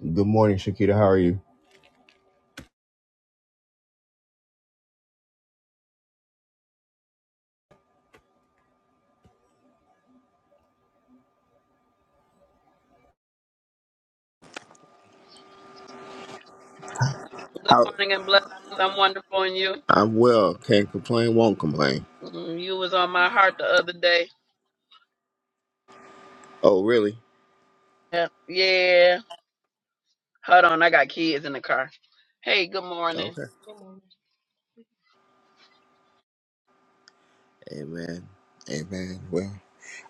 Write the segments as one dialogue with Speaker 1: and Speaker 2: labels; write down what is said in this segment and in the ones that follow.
Speaker 1: Good morning, Shakita. How are you?
Speaker 2: Good
Speaker 1: How
Speaker 2: morning and blessings. I'm wonderful and you.
Speaker 1: I'm well. Can't complain. Won't complain.
Speaker 2: Mm, You was on my heart the other day.
Speaker 1: Oh, really?
Speaker 2: Yeah. yeah. Hold on, I got kids in the car. Hey, good morning.
Speaker 1: Okay. Amen. Amen. Well,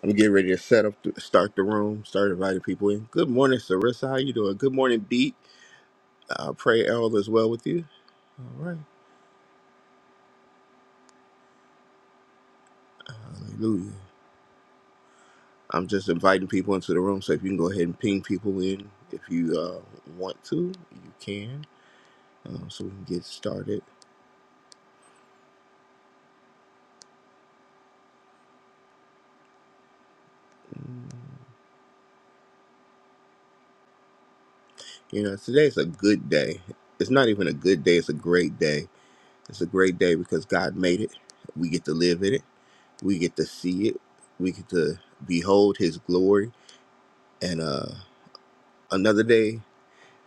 Speaker 1: I'm getting ready to set up, to start the room, start inviting people in. Good morning, Sarissa. How you doing? Good morning, Beat. Uh, pray all is well with you. All right. Hallelujah. I'm just inviting people into the room, so if you can go ahead and ping people in, if you uh, want to, you can, um, so we can get started. Mm. You know, today's a good day. It's not even a good day, it's a great day. It's a great day because God made it. We get to live in it. We get to see it. We get to behold his glory. And uh another day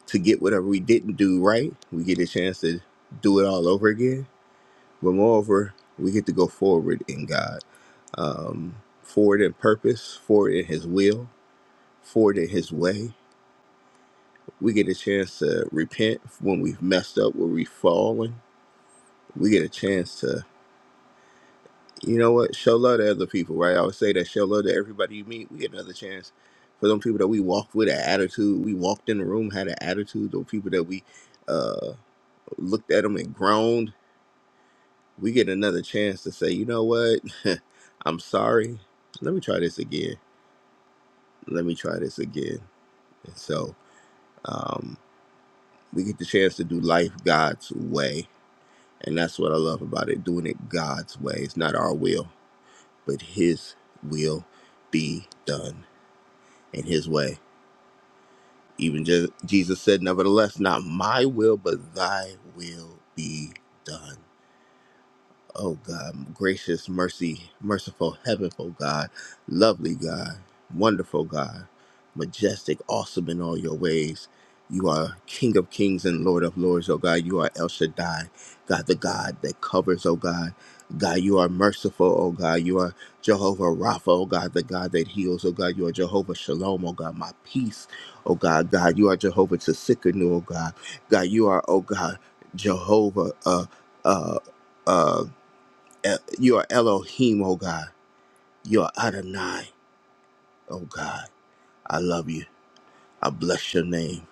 Speaker 1: to get whatever we didn't do right, we get a chance to do it all over again. But moreover, we get to go forward in God. Um forward in purpose, forward in his will, forward in his way. We get a chance to repent when we've messed up, where we've fallen we get a chance to, you know what, show love to other people, right? I always say that show love to everybody you meet. We get another chance for them people that we walked with an attitude. We walked in the room, had an attitude. Those people that we uh, looked at them and groaned. We get another chance to say, you know what, I'm sorry. Let me try this again. Let me try this again. And so um, we get the chance to do life God's way. And that's what I love about it, doing it God's way. It's not our will. but his will be done in his way. Even Je- Jesus said, Nevertheless, not my will, but thy will be done. Oh God, gracious, mercy, merciful, heavenful God, lovely God, wonderful God, majestic, awesome in all your ways. You are King of kings and Lord of lords, oh God. You are El Shaddai, God, the God that covers, oh God. God, you are merciful, oh God. You are Jehovah Rapha, oh God, the God that heals, oh God. You are Jehovah Shalom, oh God, my peace, oh God. God, you are Jehovah Tsikanu, oh God. God, you are, oh God, Jehovah, uh, uh, uh, El- you are Elohim, oh God. You are Adonai, oh God. I love you. I bless your name.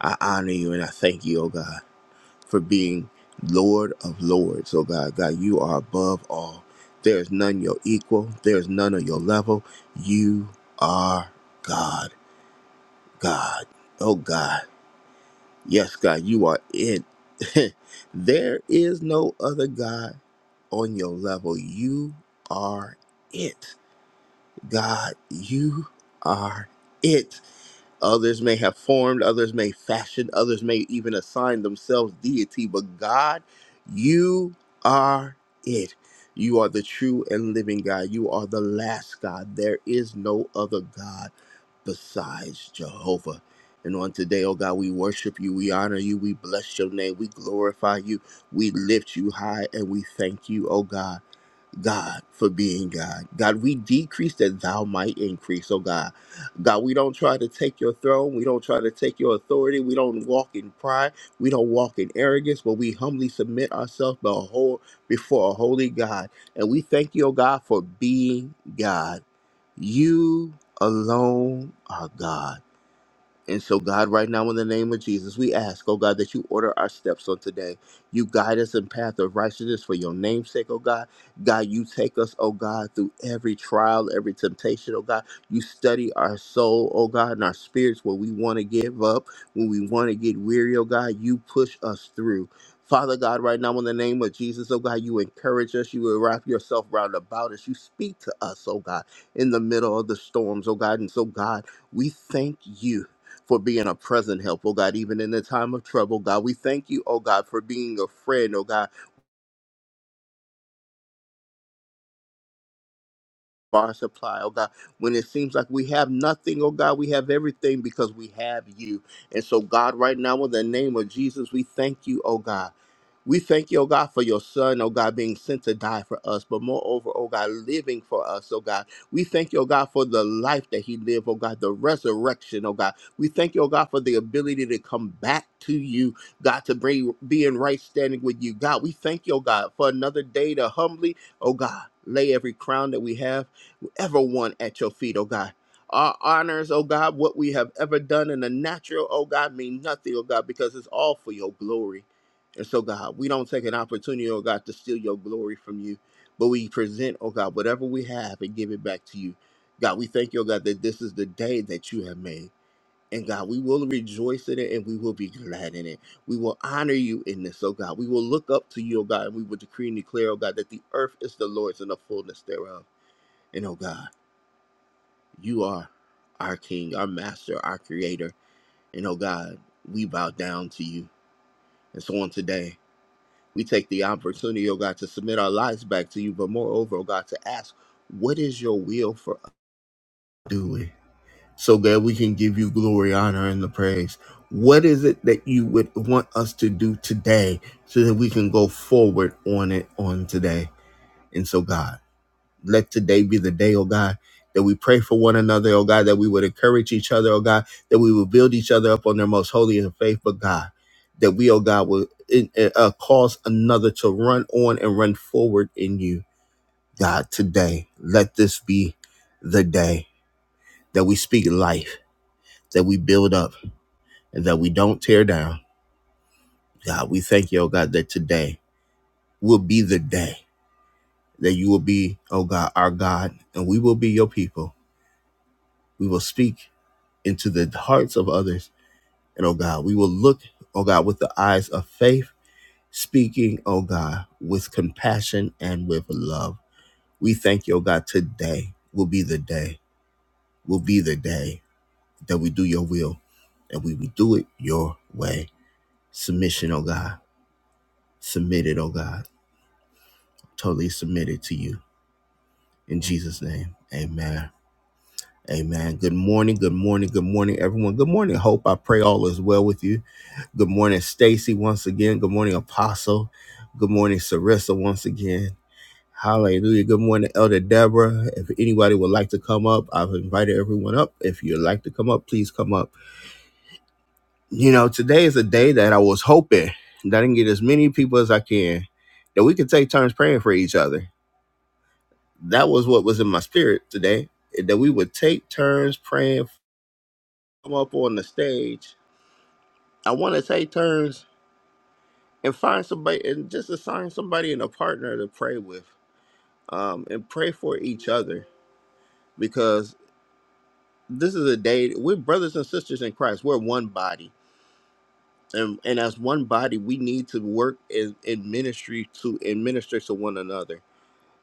Speaker 1: I honor you and I thank you, oh God, for being Lord of Lords, oh God. God, you are above all. There is none your equal. There is none on your level. You are God, God, oh God. Yes, God, you are it. there is no other God on your level. You are it. God, you are it. Others may have formed, others may fashion, others may even assign themselves deity, but God, you are it. You are the true and living God. You are the last God. There is no other God besides Jehovah. And on today, oh God, we worship you, we honor you, we bless your name, we glorify you, we lift you high, and we thank you, oh God. God, for being God. God, we decrease that thou might increase, oh God. God, we don't try to take your throne. We don't try to take your authority. We don't walk in pride. We don't walk in arrogance, but we humbly submit ourselves be- whole- before a holy God. And we thank you, oh God, for being God. You alone are God. And so, God, right now, in the name of Jesus, we ask, oh God, that you order our steps on today. You guide us in path of righteousness for your name's sake, oh God. God, you take us, oh God, through every trial, every temptation, oh God. You study our soul, oh God, and our spirits when we want to give up, when we want to get weary, oh God. You push us through. Father God, right now in the name of Jesus, oh God, you encourage us. You wrap yourself round about us. You speak to us, oh God, in the middle of the storms, oh God. And so, God, we thank you for being a present help, oh God, even in the time of trouble, God. We thank you, oh God, for being a friend, oh God our supply, oh God. When it seems like we have nothing, oh God, we have everything because we have you. And so, God, right now, in the name of Jesus, we thank you, oh God. We thank you, oh God, for your son, oh God, being sent to die for us, but moreover, oh God, living for us, oh God. We thank you, oh God, for the life that he lived, oh God, the resurrection, oh God. We thank you, oh God, for the ability to come back to you, God, to bring, be in right standing with you, God. We thank you, oh God, for another day to humbly, oh God, lay every crown that we have everyone at your feet, oh God. Our honors, oh God, what we have ever done in the natural, oh God, mean nothing, oh God, because it's all for your glory. And so, God, we don't take an opportunity, oh God, to steal your glory from you, but we present, oh God, whatever we have and give it back to you. God, we thank you, oh God, that this is the day that you have made. And God, we will rejoice in it and we will be glad in it. We will honor you in this, oh God. We will look up to you, oh God, and we will decree and declare, oh God, that the earth is the Lord's and the fullness thereof. And oh God. You are our King, our Master, our Creator. And oh God, we bow down to you. And so on today, we take the opportunity, oh God, to submit our lives back to you, but moreover, oh God, to ask, what is your will for us doing? So that we can give you glory, honor, and the praise. What is it that you would want us to do today so that we can go forward on it on today? And so, God. let today be the day, oh God, that we pray for one another, oh God, that we would encourage each other, oh God, that we would build each other up on their most holy and faithful God, that we, oh God, will uh, cause another to run on and run forward in you, God, today. Let this be the day that we speak life, that we build up, and that we don't tear down. God, we thank you, oh God, that today will be the day that you will be, oh God, our God, and we will be your people. We will speak into the hearts of others. And oh God, we will look, oh God, with the eyes of faith, speaking, oh God, with compassion and with love. We thank you, oh God, today will be the day, will be the day that we do your will and we will do it your way. Submission, oh God, submitted, oh God, totally submitted to you. In Jesus' name, amen. Amen. Good morning. Good morning. Good morning, everyone. Good morning. Hope I pray all is well with you. Good morning, Stacy, once again. Good morning, Apostle. Good morning, Sarissa, once again. Hallelujah. Good morning, Elder Deborah. If anybody would like to come up, I've invited everyone up. If you'd like to come up, please come up. You know, today is a day that I was hoping that I can get as many people as I can, that we could take turns praying for each other. That was what was in my spirit today, that we would take turns praying come up on the stage, I want to take turns and find somebody and just assign somebody and a partner to pray with, um, and pray for each other because this is a day we're brothers and sisters in Christ. We're one body, and and as one body, we need to work in, in ministry to administer to one another.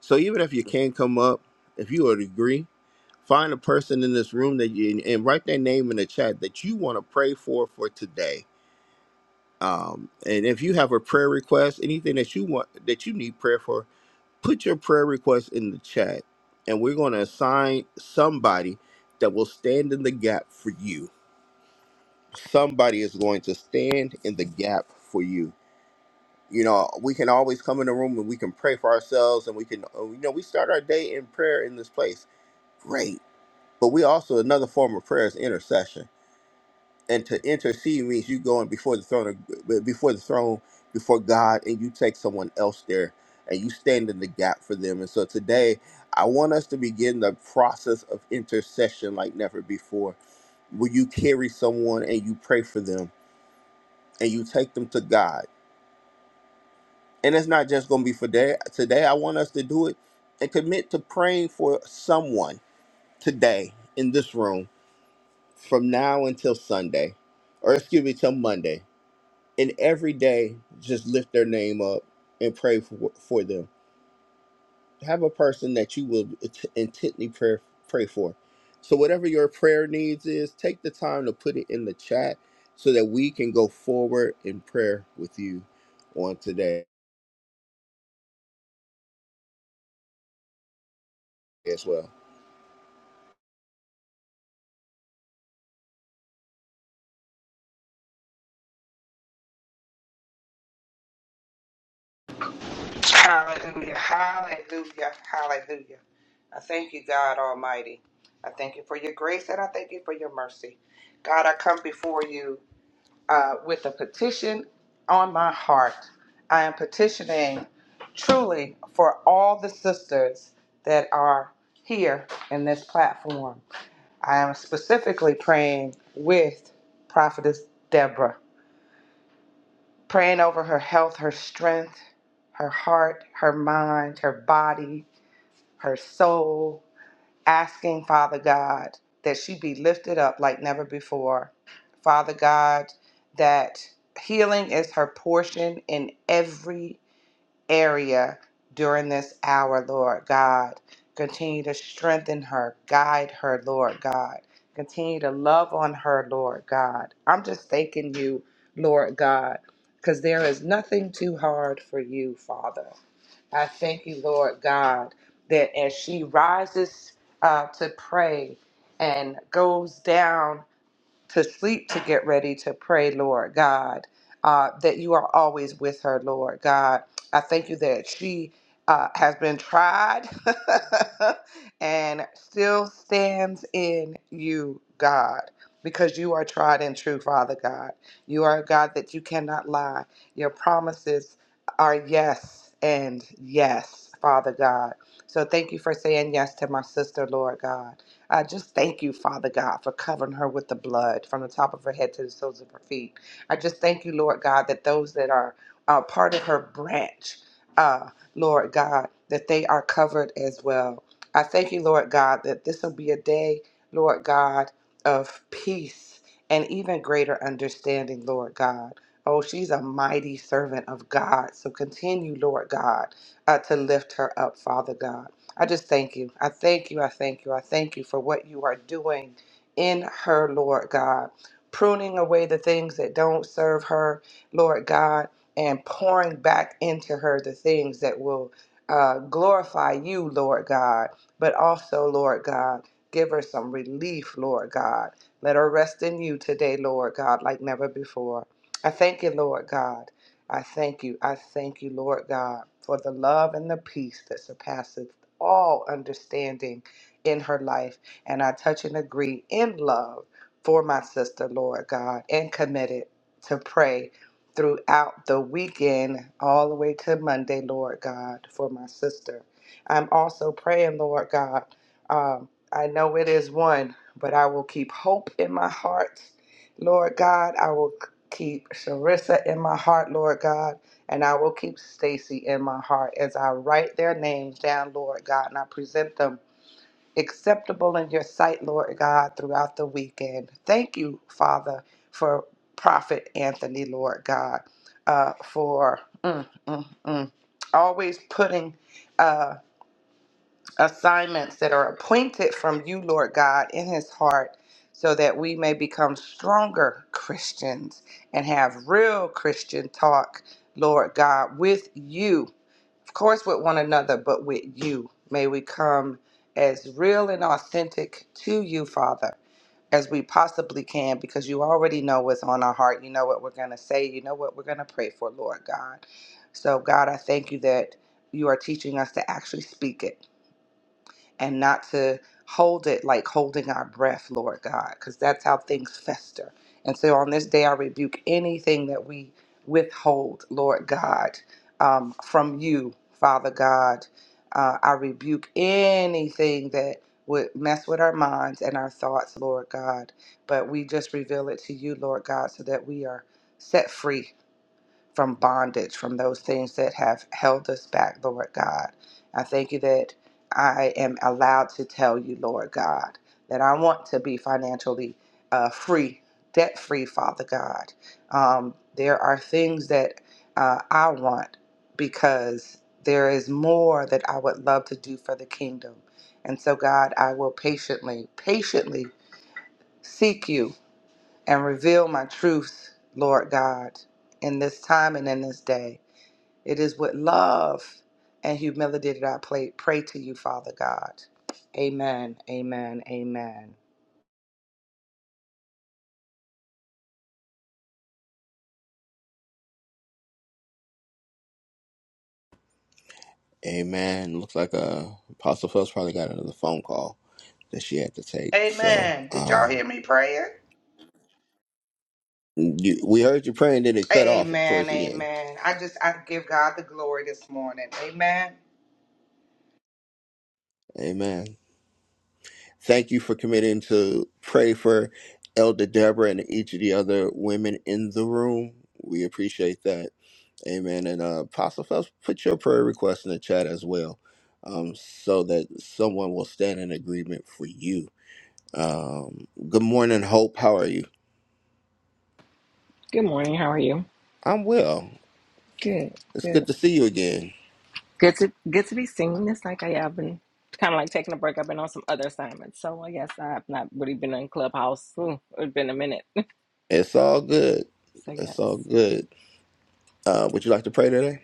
Speaker 1: So even if you can't come up, if you would agree. Find a person in this room that you and write their name in the chat that you want to pray for for today Um, and if you have a prayer request, anything that you want that you need prayer for, put your prayer request in the chat, and we're going to assign somebody that will stand in the gap for you. Somebody is going to stand in the gap for you. You know, we can always come in the room and we can pray for ourselves, and we can, uh, you know, we start our day in prayer in this place. Great, but we also another form of prayer is intercession and to intercede means you going before the throne of, before the throne before god and you take someone else there and you stand in the gap for them and so today i want us to begin the process of intercession like never before where you carry someone and you pray for them and you take them to god and it's not just going to be for day, today i want us to do it and commit to praying for someone today in this room from now until sunday or excuse me till monday and every day just lift their name up and pray for, for them have a person that you will int- intently pray, pray for so whatever your prayer needs is take the time to put it in the chat so that we can go forward in prayer with you on today as well
Speaker 3: Hallelujah. Hallelujah. Hallelujah. I thank you, God Almighty. I thank you for your grace and I thank you for your mercy. God, I come before you uh, with a petition on my heart. I am petitioning truly for all the sisters that are here in this platform. I am specifically praying with Prophetess Deborah, praying over her health, her strength, her heart, her mind, her body, her soul, asking, Father God, that she be lifted up like never before. Father God, that healing is her portion in every area during this hour, Lord God. Continue to strengthen her, guide her, Lord God. Continue to love on her, Lord God. I'm just thanking you, Lord God, because there is nothing too hard for you, Father. I thank you, Lord God, that as she rises uh, to pray and goes down to sleep to get ready to pray, Lord God, uh, that you are always with her, Lord God. I thank you that she uh, has been tried and still stands in you, God, because you are tried and true, Father God. You are a God that you cannot lie. Your promises are yes and yes, Father God. So thank you for saying yes to my sister, Lord God. I just thank you, Father God, for covering her with the blood from the top of her head to the soles of her feet. I just thank you, Lord God, that those that are uh, part of her branch, uh, Lord God, that they are covered as well. I thank you, Lord God, that this will be a day, Lord God, of peace and even greater understanding, Lord God. Oh, she's a mighty servant of God. So continue, Lord God, uh, to lift her up, Father God. I just thank you. I thank you. I thank you. I thank you for what you are doing in her, Lord God. Pruning away the things that don't serve her, Lord God, and pouring back into her the things that will uh, glorify you, Lord God, but also, Lord God, give her some relief, Lord God. Let her rest in you today, Lord God, like never before. I thank you, Lord God. I thank you. I thank you, Lord God, for the love and the peace that surpasses all understanding in her life. And I touch and agree in love for my sister, Lord God, and committed to pray throughout the weekend, all the way to Monday, Lord God, for my sister. I'm also praying, Lord God. Um, I know it is one, but I will keep hope in my heart, Lord God. I will keep Sharissa in my heart, Lord God. And I will keep Stacy in my heart as I write their names down, Lord God, and I present them acceptable in your sight, Lord God, throughout the weekend. Thank you, Father, for Prophet Anthony, Lord God, uh, for mm, mm, mm, always putting. uh, assignments that are appointed from you, Lord God, in his heart, so that we may become stronger Christians and have real Christian talk, Lord God, with you. Of course, with one another, but with you. May we come as real and authentic to you, Father. As we possibly can, because you already know what's on our heart. You know what we're going to say. You know what we're going to pray for, Lord God. So, God, I thank you that you are teaching us to actually speak it and not to hold it like holding our breath, Lord God, because that's how things fester. And so on this day, I rebuke anything that we withhold, Lord God, um, from you, Father God. Uh, I rebuke anything that would mess with our minds and our thoughts, Lord God. But we just reveal it to you, Lord God, so that we are set free from bondage, from those things that have held us back, Lord God. I thank you that I am allowed to tell you, Lord God, that I want to be financially uh, free, debt free, Father God. Um, there are things that uh, I want because there is more that I would love to do for the kingdom. And so, God, I will patiently, patiently seek you and reveal my truths, Lord God, in this time and in this day. It is with love and humility that I pray, pray to you, Father God. Amen. Amen. Amen.
Speaker 1: amen looks like uh apostle phelps probably got another phone call that she had to take so
Speaker 3: Amen. Did y'all
Speaker 1: um
Speaker 3: hear me praying?
Speaker 1: you, we heard you praying then it cut off
Speaker 3: Amen.
Speaker 1: towards the end
Speaker 3: Amen. I just I give God the glory this morning. Amen.
Speaker 1: amen Thank you for committing to pray for Elder Deborah and each of the other women in the room. We appreciate that. Amen. And uh, Apostle Phelps, put your prayer request in the chat as well um, so that someone will stand in agreement for you. Um, good morning, Hope. How are you?
Speaker 4: Good morning. How are you?
Speaker 1: I'm well.
Speaker 4: Good.
Speaker 1: It's
Speaker 4: Good.
Speaker 1: good to see you again.
Speaker 4: Good to good to be seeing this. like I have been kind of like taking a break. I've been on some other assignments, so I guess I've not really been in Clubhouse. Ooh, it's been a minute.
Speaker 1: It's all good.
Speaker 4: So
Speaker 1: It's all
Speaker 4: yes.
Speaker 1: good. Uh, would you like to pray today?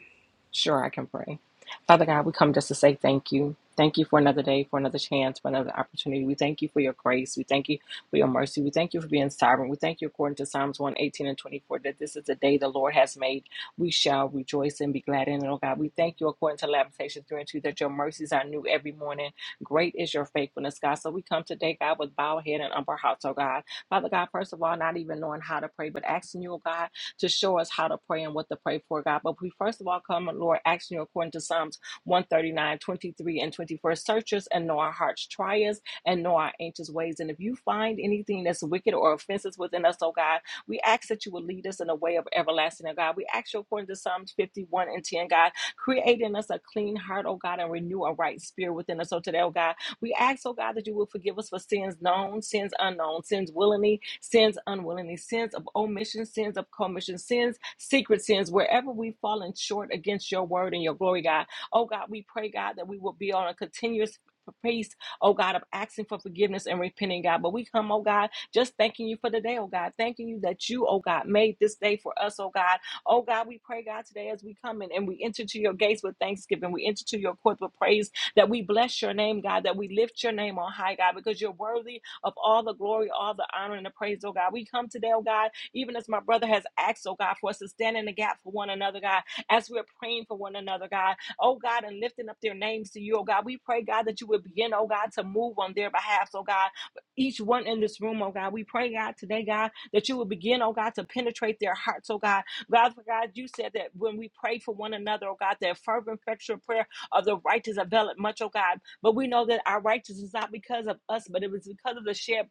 Speaker 4: Sure, I can pray. Father God, we come just to say thank you. Thank you for another day, for another chance, for another opportunity. We thank you for your grace. We thank you for your mercy. We thank you for being sovereign. We thank you, according to Psalms 118 and 24, that this is the day the Lord has made. We shall rejoice and be glad in it, oh God. We thank you, according to Lamentations 3 and 2, that your mercies are new every morning. Great is your faithfulness, God. So we come today, God, with bowed head and humble hearts, oh God. Father God, first of all, not even knowing how to pray, but asking you, oh God, to show us how to pray and what to pray for, God. But we first of all come, Lord, asking you according to Psalms one thirty nine, twenty three, and 24. Search us and know our hearts. Try us and know our anxious ways. And if you find anything that's wicked or offensive within us, oh God, we ask that you will lead us in the way of everlasting, oh God. We ask you according to Psalms 51 and 10, God, create in us a clean heart, oh God, and renew a right spirit within us. So today, oh God, we ask, oh God, that you will forgive us for sins known, sins unknown, sins willingly, sins unwillingly, sins of omission, sins of commission, sins, secret sins, wherever we've fallen short against your word and your glory, God. Oh God, we pray, God, that we will be on a continuous pace, oh God, of asking for forgiveness and repenting, God. But we come, oh God, just thanking you for the day, oh God, thanking you that you, oh God, made this day for us, oh God. Oh God, we pray, God, today as we come in and we enter to your gates with thanksgiving, we enter to your courts with praise that we bless your name, God, that we lift your name on high, God, because you're worthy of all the glory, all the honor, and the praise, oh God. We come today, oh God, even as my brother has asked, oh God, for us to stand in the gap for one another, God, as we're praying for one another, God, oh God, and lifting up their names to you, oh God. We pray, God, that you would begin, oh God, to move on their behalf, oh God, each one in this room, oh God. We pray, God, today, God, that you would begin, oh God, to penetrate their hearts, oh God. God, for God, you said that when we pray for one another, oh God, that fervent, effectual prayer of the righteous availeth much, oh God. But we know that our righteousness is not because of us, but it was because of the shed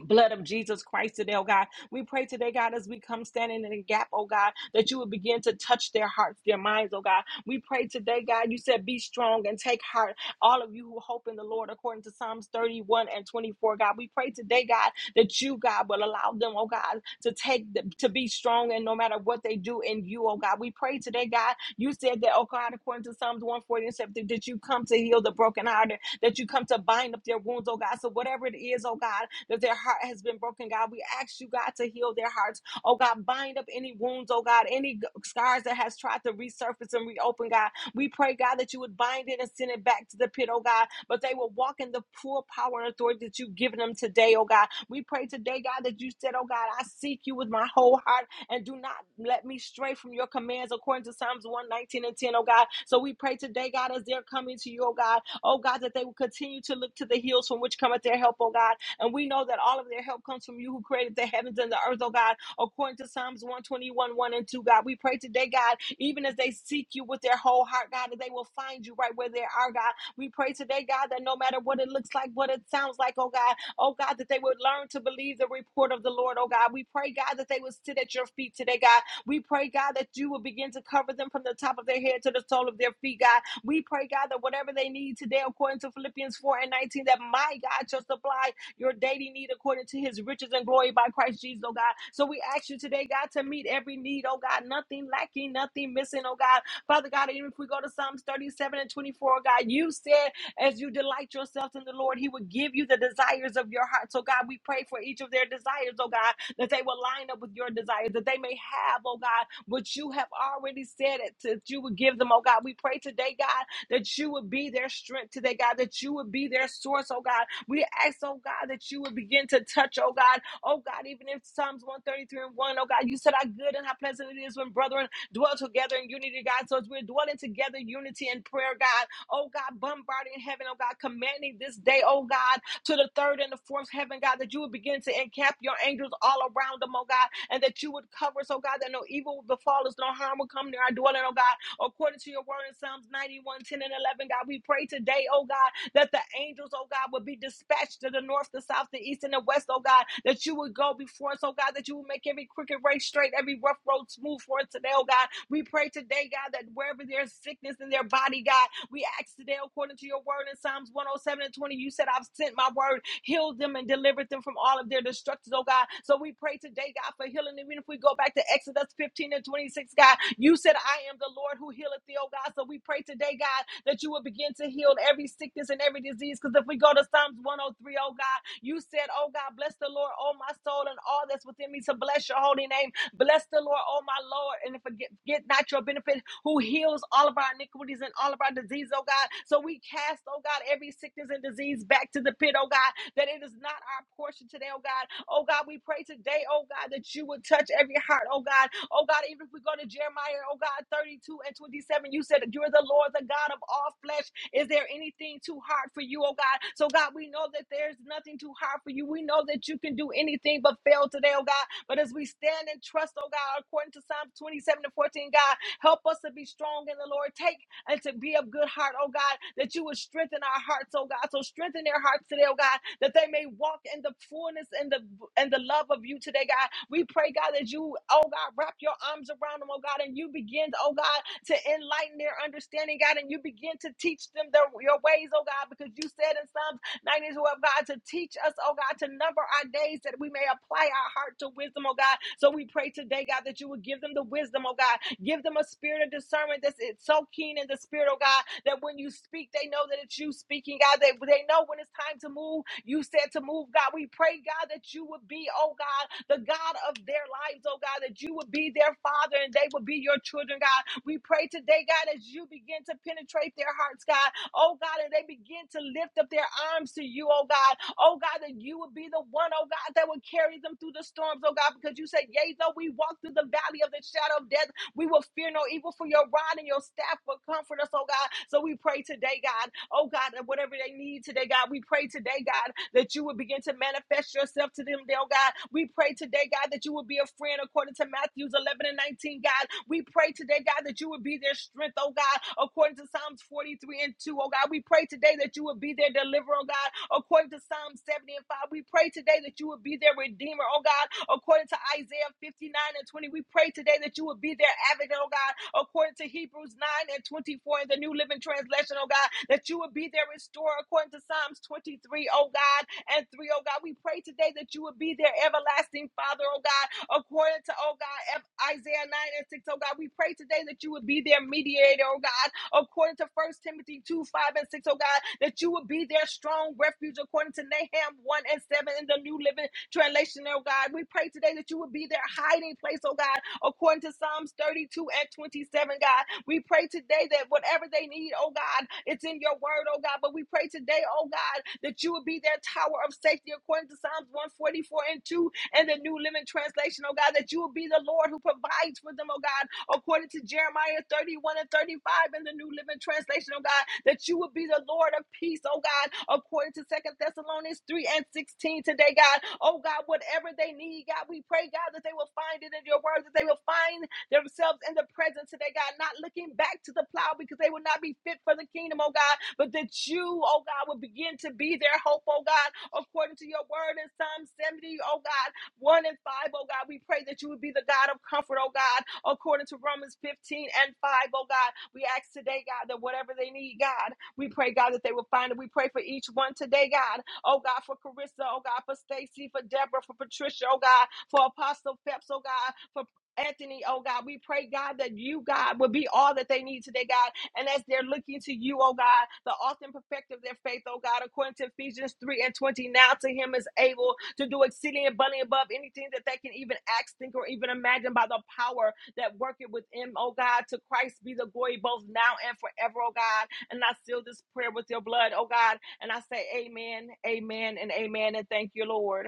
Speaker 4: blood of Jesus Christ today, oh God. We pray today, God, as we come standing in the gap, oh God, that you would begin to touch their hearts, their minds, oh God. We pray today, God, you said, be strong and take heart, all of you who hope in the Lord, according to Psalms 31 and 24, God. We pray today, God, that you, God, will allow them, oh God, to take, the, to be strong and no matter what they do in you, oh God. We pray today, God, you said that, oh God, according to Psalms 140 and 70, that you come to heal the brokenhearted that you come to bind up their wounds, oh God. So whatever it is, oh God, that their heart has been broken, God, we ask you, God, to heal their hearts. Oh God, bind up any wounds, oh God, any g- scars that has tried to resurface and reopen, God. We pray, God, that you would bind it and send it back to the pit, oh God, but they will walk in the full power and authority that you've given them today, oh God. We pray today, God, that you said, oh God, I seek you with my whole heart and do not let me stray from your commands according to Psalms 119 and 10, oh God. So we pray today, God, as they're coming to you, oh God oh God, that they will continue to look to the hills from which cometh their help, oh God. And we know that all of their help comes from you who created the heavens and the earth, oh God, according to Psalms 121, 1 and 2, God. We pray today, God, even as they seek you with their whole heart, God, that they will find you right where they are, God. We pray today, God, that no matter what it looks like, what it sounds like, oh God, oh God, that they would learn to believe the report of the Lord, oh God. We pray, God, that they would sit at your feet today, God. We pray, God, that you will begin to cover them from the top of their head to the sole of their feet, God we pray, God, that whatever they need today, according to Philippians 4 and 19, that my God shall supply your daily need according to his riches and glory by Christ Jesus, oh God. So we ask you today, God, to meet every need, oh God, nothing lacking, nothing missing, oh God. Father God, even if we go to Psalms 37 and 24, oh God, you said. As you delight yourselves in the Lord, He will give you the desires of your heart. So, God, we pray for each of their desires, oh God, that they will line up with your desires, that they may have, oh God, what you have already said it that you would give them, oh God. We pray today, God, that you would be their strength today, God, that you would be their source, oh God. We ask, oh God, that you would begin to touch, oh God, oh God, even in Psalms 133 and one, O God, you said how good and how pleasant it is when brethren dwell together in unity, God. So as we're dwelling together in unity and prayer, God, oh God, bombarding heaven, oh God, commanding this day, oh God, to the third and the fourth heaven, God, that you would begin to encamp your angels all around them, oh God, and that you would cover us, oh God, that no evil will befall us, no harm will come near our dwelling, oh God, according to your word in Psalms 91 10 and 11. God, we pray today, oh God, that the angels, oh God, would be dispatched to the north, the south, the east, and the west, oh God, that you would go before us, oh God, that you would make every crooked way straight, every rough road smooth for us today, oh God. We pray today, God, that wherever there's sickness in their body, God, we ask today, according to your word in Psalms 107 and 20, you said, I've sent my word healed them and delivered them from all of their destructions, oh God. So we pray today, God, for healing. Even if we go back to Exodus 15 and 26, God, you said, I am the Lord who healeth thee, oh God. So we pray today, God, that you will begin to heal every sickness and every disease. Because if we go to Psalms 103, oh three, oh God, you said, oh God, bless the Lord, oh my soul, and all that's within me. So bless your holy name. Bless the Lord, oh my Lord, and forget get not your benefit who heals all of our iniquities and all of our disease, oh God. So we cast, oh God, every sickness and disease back to the pit, oh God, that it is not our portion today, oh God. Oh God, we pray today, oh God, that you would touch every heart, oh God. Oh God, even if we go to Jeremiah, oh God, 32 and 27, 11, you said that you're the Lord, the God of all flesh. Is there anything too hard for you, oh God? So, God, we know that there's nothing too hard for you. We know that you can do anything but fail today, oh God. But as we stand and trust, oh God, according to Psalm 27 and 14, God, help us to be strong in the Lord. Take and to be of good heart, oh God, that you would strengthen our hearts, oh God. So strengthen their hearts today, oh God, that they may walk in the fullness and the and the love of you today, God. We pray, God, that you, oh God, wrap your arms around them, oh God, and you begin, oh God, to enlighten their understanding, God, and you begin to teach them their, your ways, oh God, because you said in Psalms. Nine is what God to teach us, oh God, to number our days that we may apply our heart to wisdom, oh God. So we pray today, God, that you would give them the wisdom, oh God. Give them a spirit of discernment that's it's so keen in the spirit, oh God, that when you speak, they know that it's you speaking, God. They, they know when it's time to move. You said to move, God. We pray, God, that you would be, oh God. God, the God of their lives, oh God, that you would be their father and they would be your children, God. We pray today, God, as you begin to penetrate their hearts, God, oh God, and they begin to lift up their arms to you, oh God, oh God, that you would be the one, oh God, that would carry them through the storms, oh God, because you said, Yea, though we walk through the valley of the shadow of death. We will fear no evil for your rod and your staff will comfort us, oh God. So we pray today, God, oh God, that whatever they need today, God, we pray today, God, that you would begin to manifest yourself to them, oh God. We pray today, God, that you would be a friend according to Matthews 11 and 19, God. We pray today, God, that you would be their strength, oh God, according to Psalms 43 and 2, oh God. We pray today that you would be their deliverer, oh God, according to Psalm 70 and and Father, we pray today that you would be their redeemer, oh God, according to Isaiah 59 and 20. We pray today that you would be their advocate, oh God, according to Hebrews 9 and 24 in the New Living Translation, oh God, that you would be their restorer, according to Psalms 23, oh God, and 3, oh God. We pray today that you would be their everlasting Father, oh God, according to, oh God, F- Isaiah 9 and 6, oh God. We pray today that you would be their mediator, committed, oh God, according to First Timothy 2 5 and 6, O God, that you would be their strong refuge according to Nahum 1 and 7 in the New Living Translation, oh God. We pray today that you would be their hiding place, oh God, according to Psalms 32 and 27, God. We pray today that whatever they need, oh God, it's in your word, oh God. But we pray today, oh God, that you would be their tower of safety according to Psalms 144 and 2 and the New Living Translation, oh God, that you will be the Lord who provides for them, oh God, according to Jeremiah 31 and 35 in the New Living Translation, oh God, that you will be the Lord of peace, oh God, according to Second Thessalonians 3 and 16 today, God. Oh God, whatever they need, God, we pray, God, that they will find it in your word, that they will find themselves in the present today, God, not looking back to the plow because they will not be fit for the kingdom, oh God, but that you, oh God, will begin to be their hope, oh God, according to your word in Psalm 70, O God. 1 and 5, oh God. We pray that you would be the God of comfort, oh God, according to Romans 15 and 5, oh God. We ask today, God, that whatever they need, God, we pray, God, that they will find it. We pray for each one today, God. Oh God, for Carissa, oh God, for Stacy, for Deborah, for Patricia, oh God, for Apostle Phelps, oh God, for Anthony, oh God, we pray, God, that you, God, will be all that they need today, God. And as they're looking to you, oh God, the author and perfecter of their faith, oh God, according to Ephesians 3 and 20, now to him is able to do exceeding abundantly above anything that they can even ask, think, or even imagine by the power that worketh within, oh God, to Christ be the glory both now and forever, oh God. And I seal this prayer with your blood, oh God. And I say amen, amen, and amen, and thank you, Lord.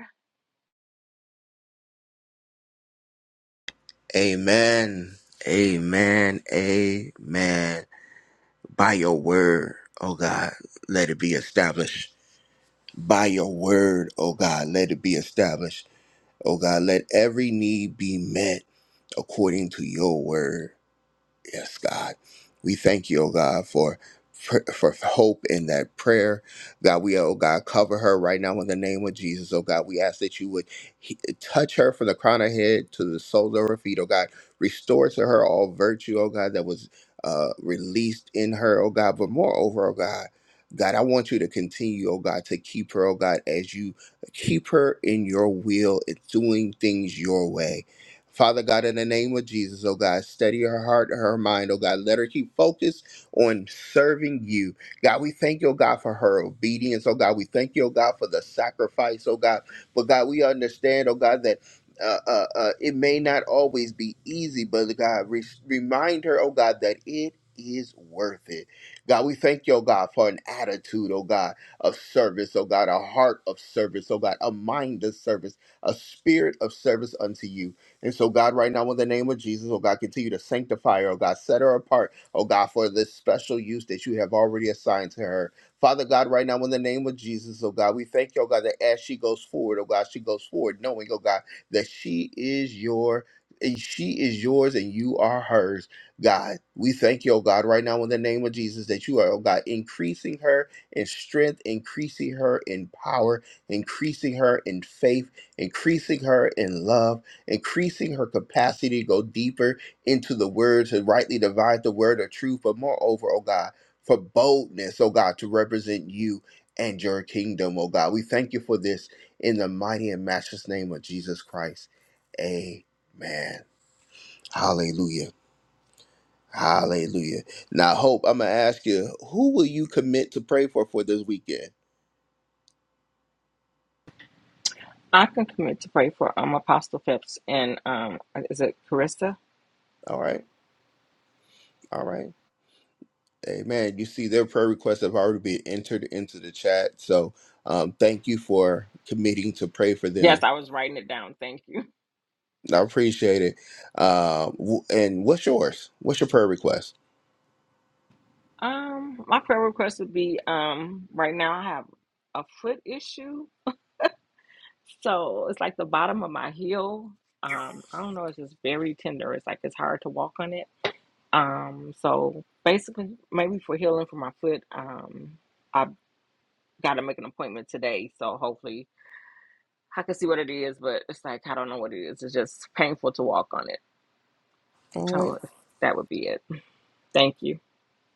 Speaker 1: Amen. Amen. Amen. by your word, oh God, let it be established. By your word, oh God, let it be established. Oh God, let every need be met according to your word. Yes, God. We thank you, oh God, for for for hope in that prayer. God, we, oh God, cover her right now in the name of Jesus. Oh God, we ask that you would he- touch her from the crown of her head to the soles of her feet. Oh God, restore to her all virtue, oh God, that was uh, released in her, oh God. But moreover, oh God, God, I want you to continue, oh God, to keep her, oh God, as you keep her in your will and doing things your way. Father God, in the name of Jesus, oh God, steady her heart, her mind, oh God. Let her keep focused on serving you. God, we thank you, oh God, for her obedience, oh God. We thank you, oh God, for the sacrifice, oh God. But God, we understand, oh God, that uh, uh, uh, it may not always be easy, but God, re- remind her, oh God, that it is worth it. God, we thank you, oh God, for an attitude, oh God, of service, oh God, a heart of service, oh God, a mind of service, a spirit of service unto you. And so, God, right now, in the name of Jesus, oh God, continue to sanctify her, oh God, set her apart, oh God, for this special use that you have already assigned to her. Father God, right now, in the name of Jesus, oh God, we thank you, oh God, that as she goes forward, oh God, she goes forward, knowing, oh God, that she is your. And she is yours and you are hers. God, we thank you, oh God, right now in the name of Jesus, that you are, oh God, increasing her in strength, increasing her in power, increasing her in faith, increasing her in love increasing her capacity to go deeper into the word, to rightly divide the word of truth, but moreover, oh God, for boldness, oh God, to represent you and your kingdom, oh God. We thank you for this in the mighty and matchless name of Jesus Christ. Amen. Hallelujah. Hallelujah. Now, Hope, I'm going to ask you, who will you commit to pray for for this weekend?
Speaker 4: I can commit to pray for um Apostle Phipps and um is it Carissa?
Speaker 1: All right. All right. Amen. You see, their prayer requests have already been entered into the chat. So um, thank you for committing to pray for
Speaker 4: Yes,
Speaker 1: them.
Speaker 4: I was writing it down. Thank you.
Speaker 1: I appreciate it. Um, w- and what's yours? What's your prayer request?
Speaker 4: Um, my prayer request would be um right now I have a foot issue. So it's like the bottom of my heel. Um, I don't know, it's just very tender. It's like it's hard to walk on it. Um, so basically maybe for healing for my foot, um, I gotta make an appointment today, so hopefully I can see what it is, but it's like I don't know what it is. It's just painful to walk on it.
Speaker 1: All right.
Speaker 4: So that would be it. Thank you.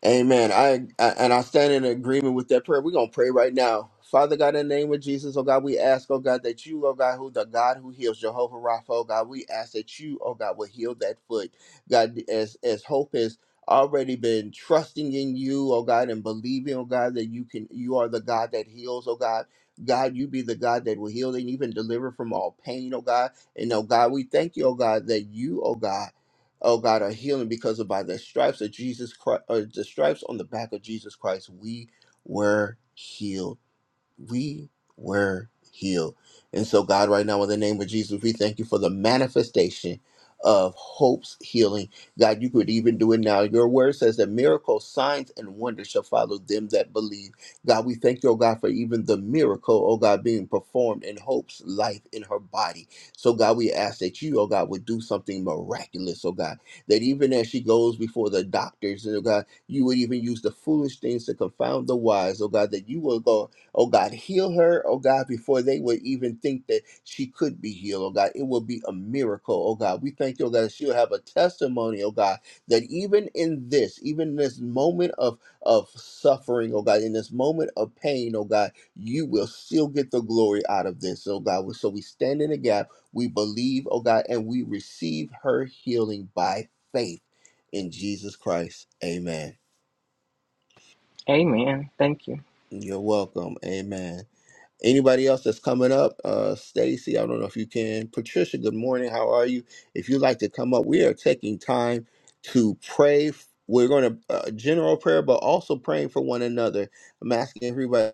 Speaker 1: Amen. I, I and I stand in agreement with that prayer. We're gonna pray right now. Father God, in the name of Jesus, oh God, we ask, oh God, that you, oh God, who the God who heals Jehovah Rapha, oh God, we ask that you, oh God, will heal that foot. God, as as hope has already been trusting in you, oh God, and believing, oh God, that you can you are the God that heals, oh God. God, you be the God that will heal and even deliver from all pain, oh God. And oh God, we thank you, oh God, that you, oh God oh God, are healing because of by the stripes of Jesus Christ, or the stripes on the back of Jesus Christ, we were healed we were healed. And so, God, right now, in the name of Jesus, we thank you for the manifestation of hope's healing. God, you could even do it now. Your word says that miracles, signs, and wonders shall follow them that believe. God, we thank you, oh God, for even the miracle, oh God, being performed in hope's life in her body. So, God, we ask that you, oh God, would do something miraculous, oh God, that even as she goes before the doctors, oh God, you would even use the foolish things to confound the wise, oh God, that you will go Oh God, heal her, oh God, before they would even think that she could be healed, oh God. It will be a miracle, oh God. We thank you, oh God, that she'll have a testimony, oh God, that even in this, even in this moment of, of suffering, oh God, in this moment of pain, oh God, you will still get the glory out of this, oh God. So we stand in the gap, we believe, oh God, and we receive her healing by faith in Jesus Christ. Amen.
Speaker 4: Amen. Thank you.
Speaker 1: You're welcome. Amen. Anybody else that's coming up? Uh, Stacy, I don't know if you can. Patricia, good morning. How are you? If you'd like to come up, we are taking time to pray. We're going to uh, general prayer, but also praying for one another. I'm asking everybody.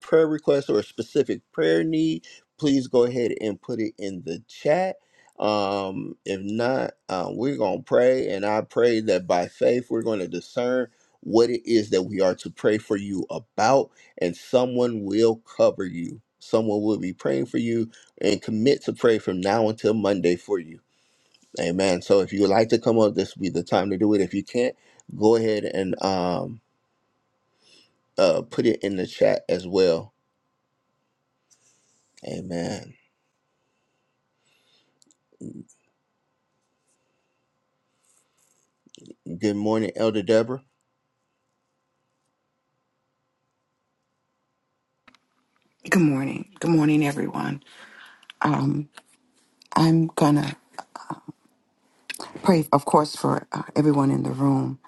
Speaker 1: prayer request or a specific prayer need, please go ahead and put it in the chat. Um, if not, uh, we're going to pray. And I pray that by faith, we're going to discern what it is that we are to pray for you about, and someone will cover you. Someone will be praying for you and commit to pray from now until Monday for you. Amen. So if you would like to come up, this would be the time to do it. If you can't, go ahead and um, uh, put it in the chat as well. Amen. Good morning, Elder Deborah.
Speaker 5: Good morning. Good morning, everyone. Um, I'm going to pray, of course, for uh, everyone in the room,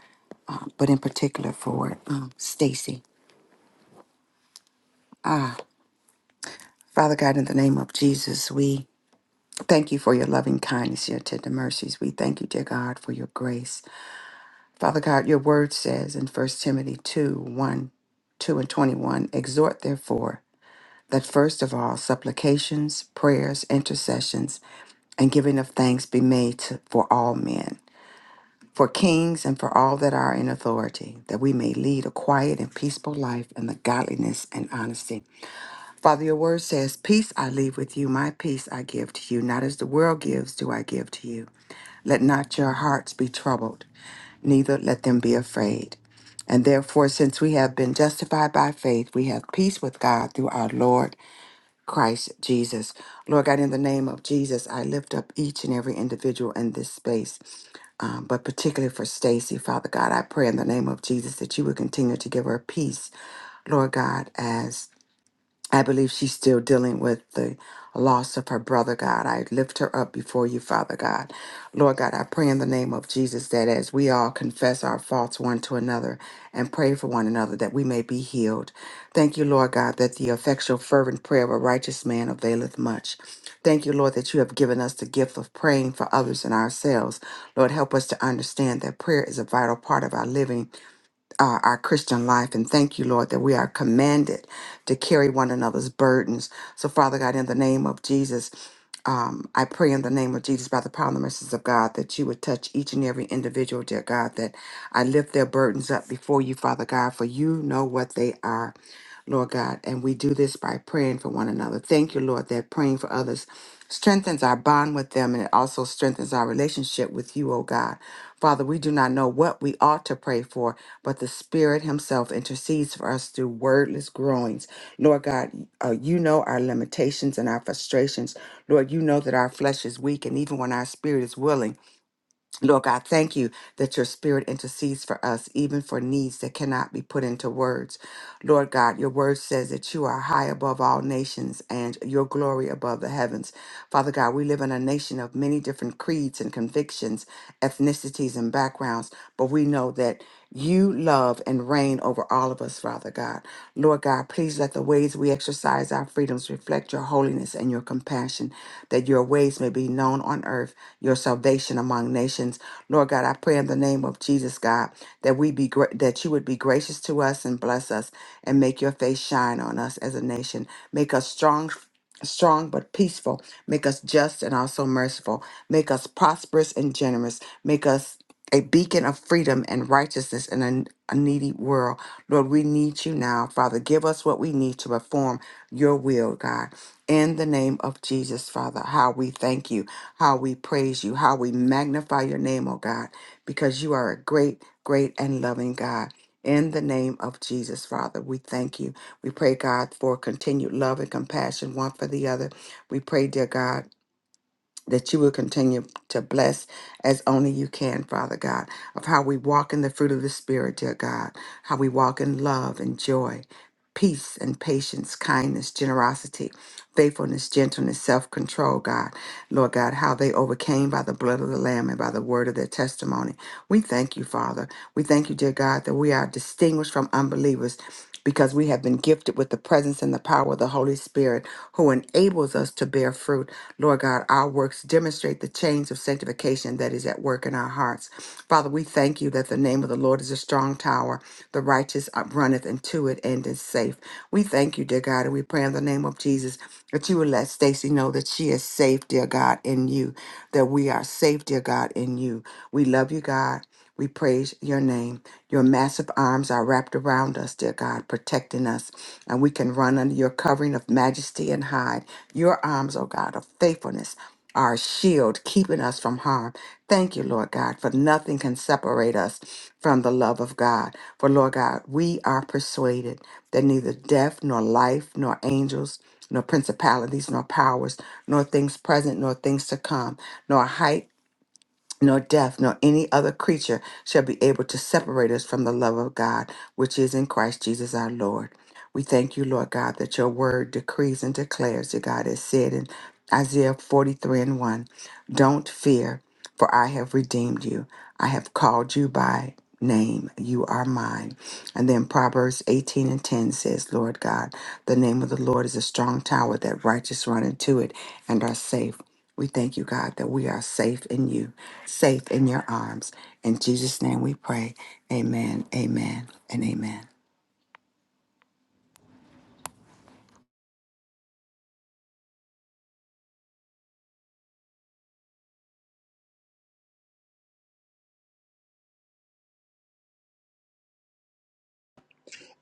Speaker 5: uh, but in particular for um, Stacy. Father God, in the name of Jesus, we thank you for your loving kindness, your tender mercies. We thank you, dear God, for your grace. Father God, your word says in First Timothy two one, two and 21, exhort therefore that first of all supplications, prayers, intercessions, and giving of thanks be made to, for all men for kings and for all that are in authority, that we may lead a quiet and peaceful life in the godliness and honesty. Father, your word says, Peace I leave with you, my peace I give to you. Not as the world gives, do I give to you. Let not your hearts be troubled, neither let them be afraid. And therefore, since we have been justified by faith, we have peace with God through our Lord Christ Jesus. Lord God, in the name of Jesus, I lift up each and every individual in this space um, but particularly for Stacy, Father God, I pray in the name of Jesus that you would continue to give her peace, Lord God, as I believe she's still dealing with the loss of her brother, God. I lift her up before you, Father God. Lord God, I pray in the name of Jesus that as we all confess our faults one to another and pray for one another, that we may be healed. Thank you, Lord God, that the effectual, fervent prayer of a righteous man availeth much. Thank you, Lord, that you have given us the gift of praying for others and ourselves. Lord, help us to understand that prayer is a vital part of our living uh, our Christian life. And thank you, Lord, that we are commanded to carry one another's burdens. So, Father God, in the name of Jesus, um, I pray in the name of Jesus, by the power and the mercies of God, that you would touch each and every individual, dear God, that I lift their burdens up before you, Father God, for you know what they are. Lord God. And we do this by praying for one another. Thank you, Lord, that praying for others strengthens our bond with them and it also strengthens our relationship with you, O God. Father, we do not know what we ought to pray for, but the Spirit Himself intercedes for us through wordless groanings. Lord God, uh, you know our limitations and our frustrations. Lord, you know that our flesh is weak, and even when our spirit is willing, Lord God, thank you that your spirit intercedes for us, even for needs that cannot be put into words. Lord God, your word says that you are high above all nations and your glory above the heavens. Father God, we live in a nation of many different creeds and convictions, ethnicities, and backgrounds, but we know that you love and reign over all of us, Father God. Lord God, please let the ways we exercise our freedoms reflect your holiness and your compassion, that your ways may be known on earth your salvation among nations. Lord God, I pray in the name of Jesus, God, that we be gra- that you would be gracious to us and bless us and make your face shine on us as a nation. Make us strong strong but peaceful. Make us just and also merciful. Make us prosperous and generous. Make us a beacon of freedom and righteousness in a, a needy world. Lord, we need you now. Father, give us what we need to perform your will, God. In the name of Jesus, Father, how we thank you how we praise you, how we magnify your name, oh God, because you are a great, great, and loving God. In the name of Jesus, Father, we thank you. We pray, God, for continued love and compassion one for the other. We pray, dear God that you will continue to bless as only you can, Father God, of how we walk in the fruit of the Spirit, dear God, how we walk in love and joy, peace and patience, kindness, generosity, faithfulness, gentleness, self control, God. Lord God, how they overcame by the blood of the Lamb and by the word of their testimony. We thank you, Father. We thank you, dear God, that we are distinguished from unbelievers because we have been gifted with the presence and the power of the Holy Spirit who enables us to bear fruit. Lord God, our works demonstrate the chains of sanctification that is at work in our hearts. Father, we thank you that the name of the Lord is a strong tower. The righteous runneth into it and is safe. We thank you, dear God, and we pray in the name of Jesus that you will let Stacy know that she is safe, dear God, in you, that we are safe, dear God, in you. We love you, God. We praise your name. Your massive arms are wrapped around us, dear God, protecting us, and we can run under your covering of majesty and hide. Your arms, O God, of faithfulness are a shield, keeping us from harm. Thank you, Lord God, for nothing can separate us from the love of God. For, Lord God, we are persuaded that neither death, nor life, nor angels, nor principalities, nor powers, nor things present, nor things to come, nor height, nor death, nor any other creature shall be able to separate us from the love of God, which is in Christ Jesus our Lord. We thank you, Lord God, that your word decrees and declares that God has said in Isaiah 43 and 1 Don't fear, for I have redeemed you. I have called you by name. You are mine. And then Proverbs 18 and 10 says, Lord God, the name of the Lord is a strong tower that righteous run into it and are safe. We thank you, God, that we are safe in you, safe in your arms. In Jesus' name we pray. Amen, amen, and amen.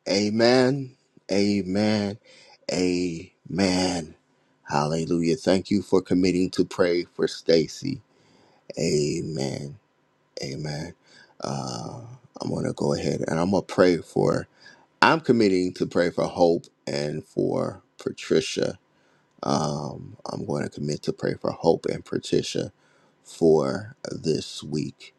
Speaker 1: Amen. Amen. Amen. Hallelujah. Thank you for committing to pray for Stacy. Amen. Amen. Uh, I'm going to go ahead and I'm going to pray for, I'm committing to pray for Hope and for Patricia. Um, I'm going to commit to pray for Hope and Patricia for this week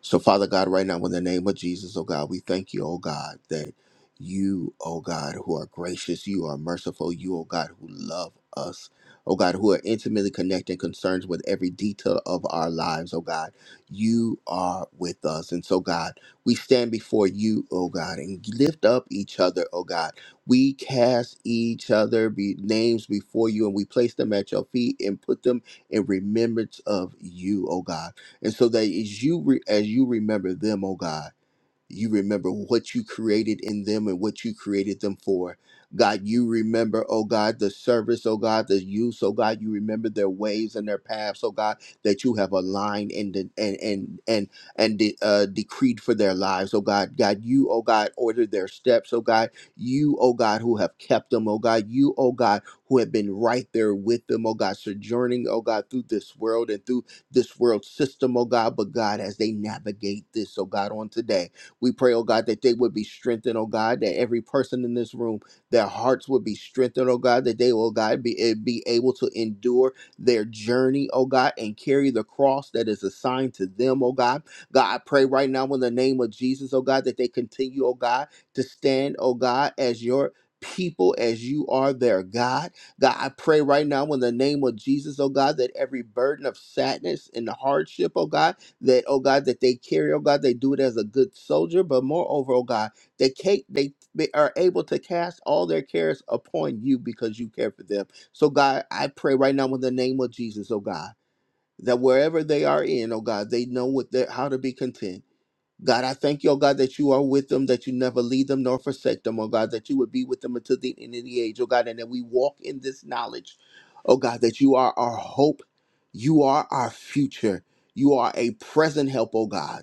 Speaker 1: So, Father God, right now, in the name of Jesus, oh God, we thank you, oh God, that you, oh God, who are gracious, you are merciful, you, oh God, who love us, oh God, who are intimately connected and concerned with every detail of our lives, oh God, you are with us. And so, God, we stand before you, oh God, and lift up each other, oh God. We cast each other be, names before you and we place them at your feet and put them in remembrance of you, oh God. And so that as you re, as you remember them, oh God, you remember what you created in them and what you created them for. God, you remember, oh God, the service, oh God, the use, oh God, you remember their ways and their paths, oh God, that you have aligned and de- and and and and de- uh, decreed for their lives, oh God. God, you, oh God, ordered their steps, oh God. You, oh God, who have kept them, oh God. You, oh God, who have been right there with them, oh God, sojourning, oh God, through this world and through this world system, oh God. But God, as they navigate this, oh God, on today. We pray, oh God, that they would be strengthened, oh God, that every person in this room, their hearts would be strengthened, oh God, that they, oh God, be, eh, be able to endure their journey, oh God, and carry the cross that is assigned to them, oh God. God, I pray right now in the name of Jesus, oh God, that they continue, oh God, to stand, oh God, as your people as you are their God. God, I pray right now in the name of Jesus, oh God, that every burden of sadness and hardship, oh God, that, oh God, that they carry, oh God, they do it as a good soldier, but moreover, oh God, they, ca- they, they are able to cast all their cares upon you because you care for them. So, God, I pray right now in the name of Jesus, oh God, that wherever they are in, oh God, they know what they're, how to be content. God, I thank you, oh God, that you are with them, that you never leave them nor forsake them, oh God, that you would be with them until the end of the age, oh God, and that we walk in this knowledge, oh God, that you are our hope, you are our future, you are a present help, oh God.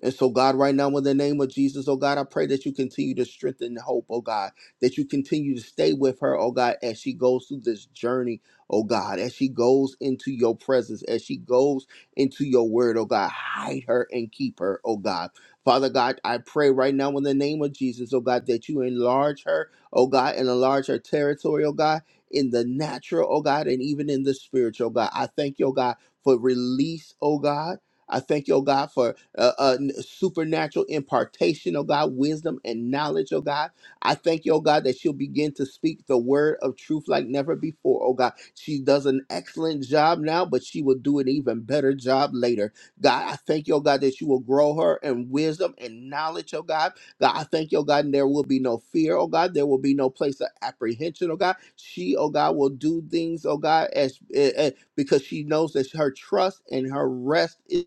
Speaker 1: And so, God, right now, in the name of Jesus, oh God, I pray that you continue to strengthen hope, oh God, that you continue to stay with her, oh God, as she goes through this journey, oh God, as she goes into your presence, as she goes into your word, oh God, hide her and keep her, oh God. Father God, I pray right now in the name of Jesus, oh God, that you enlarge her, oh God, and enlarge her territory, oh God, in the natural, oh God, and even in the spiritual, oh God. I thank you, oh God, for release, oh God. I thank you, oh God, for uh, uh, n- supernatural impartation, oh God, wisdom and knowledge, oh God. I thank you, oh God, that she'll begin to speak the word of truth like never before, oh God. She does an excellent job now, but she will do an even better job later. God, I thank you, oh God, that you will grow her in wisdom and knowledge, oh God. God, I thank you, oh God, and there will be no fear, oh God. There will be no place of apprehension, oh God. She, oh God, will do things, oh God, as, eh, eh, because she knows that her trust and her rest is.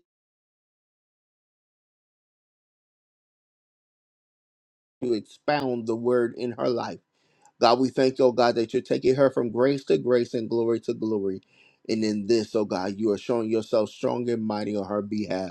Speaker 1: to expound the word in her life. God, we thank you, oh God, that you're taking her from grace to grace and glory to glory. And in this, oh God, you are showing yourself strong and mighty on her behalf.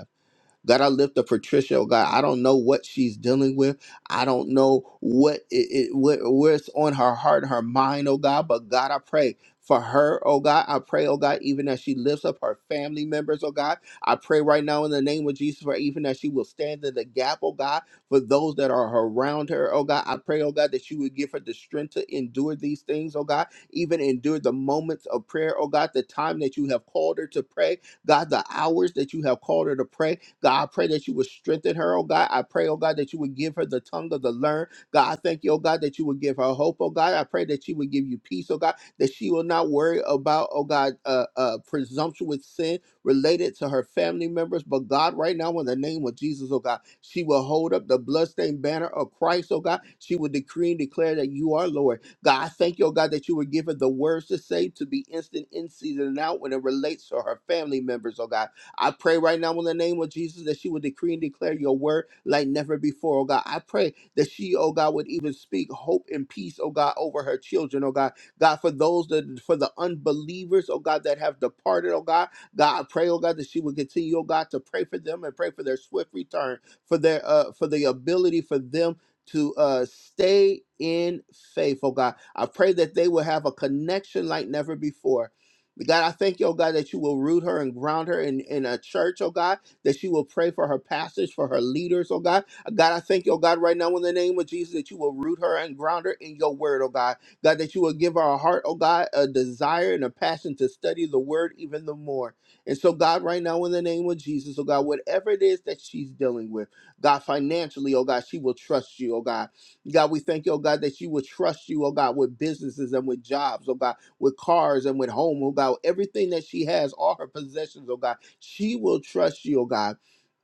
Speaker 1: God, I lift up Patricia. Oh God, I don't know what she's dealing with. I don't know what it, it what where's on her heart and her mind, oh God. But God, I pray for her, oh God. I pray, oh God, even as she lifts up her family members, oh God. I pray right now in the name of Jesus for even as she will stand in the gap, oh God, for those that are around her, oh God. I pray, oh God, that you would give her the strength to endure these things, oh God. Even endure the moments of prayer, oh God, the time that you have called her to pray, God, the hours that you have called her to pray. God, I pray that you would strengthen her, oh God. I pray, oh God, that you would give her the tongue of the learn. God, I thank you, oh God, that you would give her hope, oh God. I pray that she would give you peace, oh God, that she will not worry about, oh God, uh, uh, presumptuous sin related to her family members. But God, right now, in the name of Jesus, oh God, she will hold up the bloodstained banner of Christ, oh God. She will decree and declare that you are Lord. God, I thank you, oh God, that you would give her the words to say to be instant in season and out when it relates to her family members, oh God. I pray right now in the name of Jesus that she would decree and declare your word like never before, oh God. I pray that she, oh God, would even speak hope and peace, oh God, over her children, oh God. God, for those that for the unbelievers, oh God, that have departed, oh God. God, I pray, oh God, that she would continue, oh God, to pray for them and pray for their swift return, for their uh for the ability for them to uh stay in faith, oh God. I pray that they will have a connection like never before God, I thank you, oh God, that you will root her and ground her in, in a church, oh God, that you will pray for her pastors, for her leaders, oh God. Uh, God, I thank you, oh God, right now in the name of Jesus, that you will root her and ground her in your word, oh God. God, that you will give her a heart, oh God, a desire and a passion to study the word even the more. And so, God, right now in the name of Jesus, oh God, whatever it is that she's dealing with, God, financially, oh God, she will trust you, oh God. God, we thank you, oh God, that you would trust you, oh God, with businesses and with jobs, oh God, with cars and with home, oh God, everything that she has, all her possessions, oh God, she will trust you, oh God.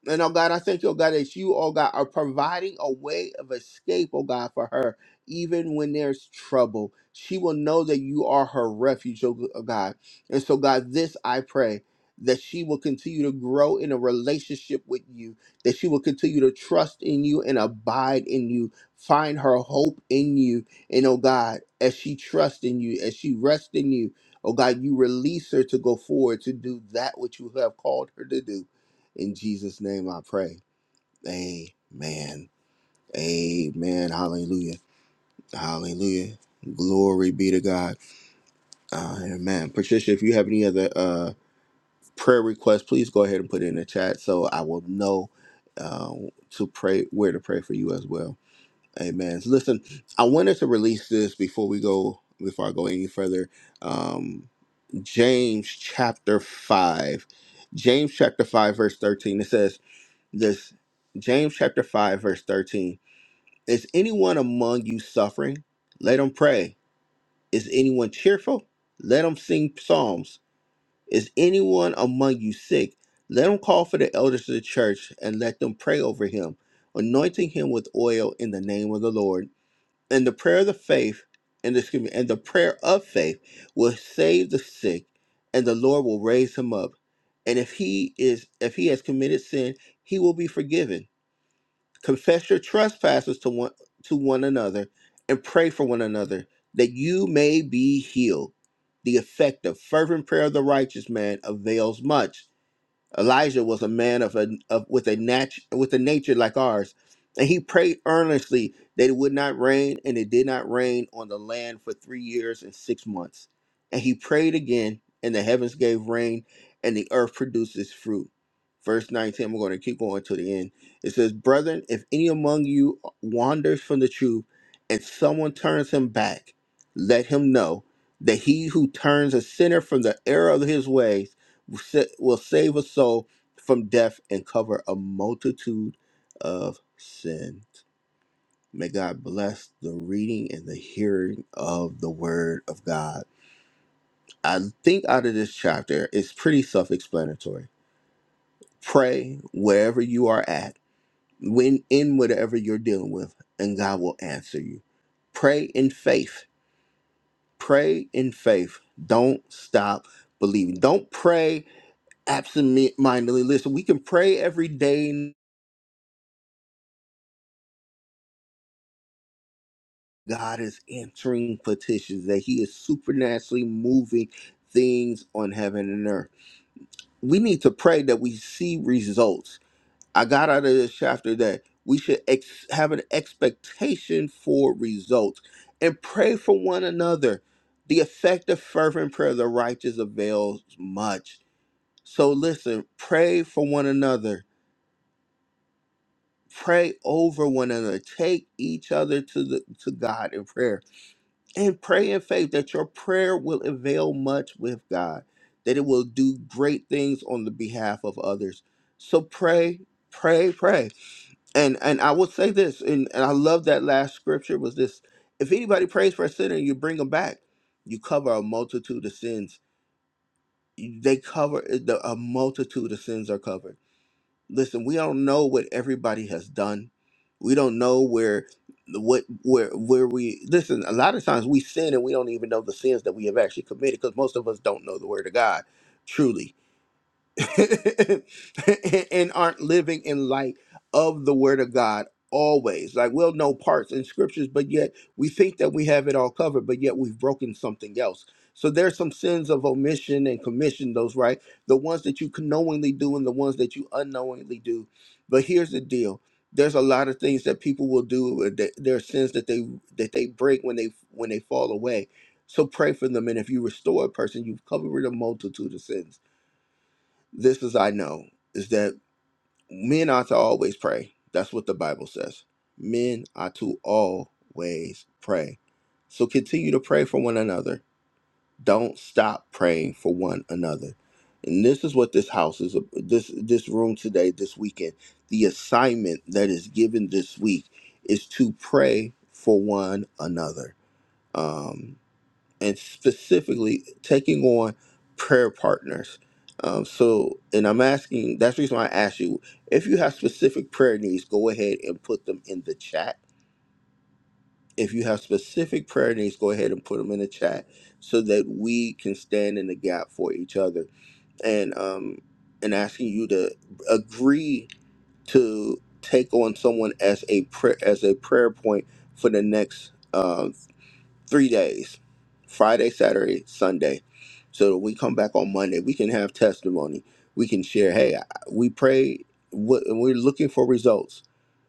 Speaker 1: And oh God, I thank you, oh God, that you, oh God, are providing a way of escape, oh God, for her, even when there's trouble. She will know that you are her refuge, oh oh God. And so, God, this I pray that she will continue to grow in a relationship with you, that she will continue to trust in you and abide in you find her hope in you. And oh God, as she trusts in you, as she rests in you, oh God, you release her to go forward to do that which you have called her to do. In Jesus' name I pray. Amen. Amen. Hallelujah. Hallelujah. Glory be to God. Amen. Patricia, if you have any other uh, prayer requests, please go ahead and put it in the chat so I will know uh, to pray where to pray for you as well. Amen. So listen, I wanted to release this before we go before I go any further. Um, James chapter five, James chapter five verse thirteen. It says this. James chapter five verse thirteen. Is anyone among you suffering? Let him pray. Is anyone cheerful? Let him sing psalms. Is anyone among you sick? Let him call for the elders of the church and let them pray over him, anointing him with oil in the name of the Lord and the prayer of the faith and excuse me, and the prayer of faith will save the sick and the lord will raise him up and if he is if he has committed sin he will be forgiven confess your trespasses to one to one another and pray for one another that you may be healed the effective fervent prayer of the righteous man avails much Elijah was a man of a of, with a nat- with a nature like ours, and he prayed earnestly that it would not rain, and it did not rain on the land for three years and six months. And he prayed again, and the heavens gave rain, and the earth produced its fruit. Verse 19, we We're going to keep going to the end. It says, Brethren, if any among you wanders from the truth and someone turns him back, let him know that he who turns a sinner from the error of his ways sa- will save a soul from death and cover a multitude of sins. May God bless the reading and the hearing of the word of God. I think out of this chapter, it's pretty self explanatory. Pray wherever you are at, when in whatever you're dealing with, and God will answer you. Pray in faith. Pray in faith. Don't stop believing. Don't pray absent mindedly. Listen, we can pray every day God is answering petitions, that He is supernaturally moving things on heaven and earth. We need to pray that we see results. I got out of this chapter that we should ex- have an expectation for results and pray for one another. The effective, fervent prayer of the righteous avails much. So listen, pray for one another. Pray over one another. Take each other to the to God in prayer and pray in faith that your prayer will avail much with God, that it will do great things on the behalf of others. So pray, pray, pray. And and I will say this, and, and I love that last scripture was this if anybody prays for a sinner, you bring them back, you cover a multitude of sins. You- They cover the, a multitude of sins are covered listen we don't know what everybody has done we don't know where what where where we listen a lot of times we sin and we don't even know the sins that we have actually committed because most of us don't know the word of god truly and aren't living in light of the word of God always. Like we'll know parts in scriptures, but yet we think that we have it all covered, but yet we've broken something else. So there's some sins of omission and commission, those right? The ones that you can knowingly do and the ones that you unknowingly do. But here's the deal. There's a lot of things that people will do. uh, that- There are sins that they that they break when they when they fall away. So pray for them, and if you restore a person, you've covered a multitude of sins this is I know is that men ought to always pray. That's what the Bible says. Men ought to always pray. So continue to pray for one another. Don't stop praying for one another. And this is what this house is this this room today, this weekend. The assignment that is given this week is to pray for one another. Um, and specifically taking on prayer partners. Um, so, and I'm asking, that's the reason why I asked you if you have specific prayer needs, go ahead and put them in the chat. If you have specific prayer needs, go ahead and put them in the chat so that we can stand in the gap for each other. And um, and asking you to agree to take on someone as a prayer as a prayer point for the next uh, three days Friday, Saturday, Sunday. So that we come back on Monday, we can have testimony. We can share, hey, I- we pray, what- and we're looking for results.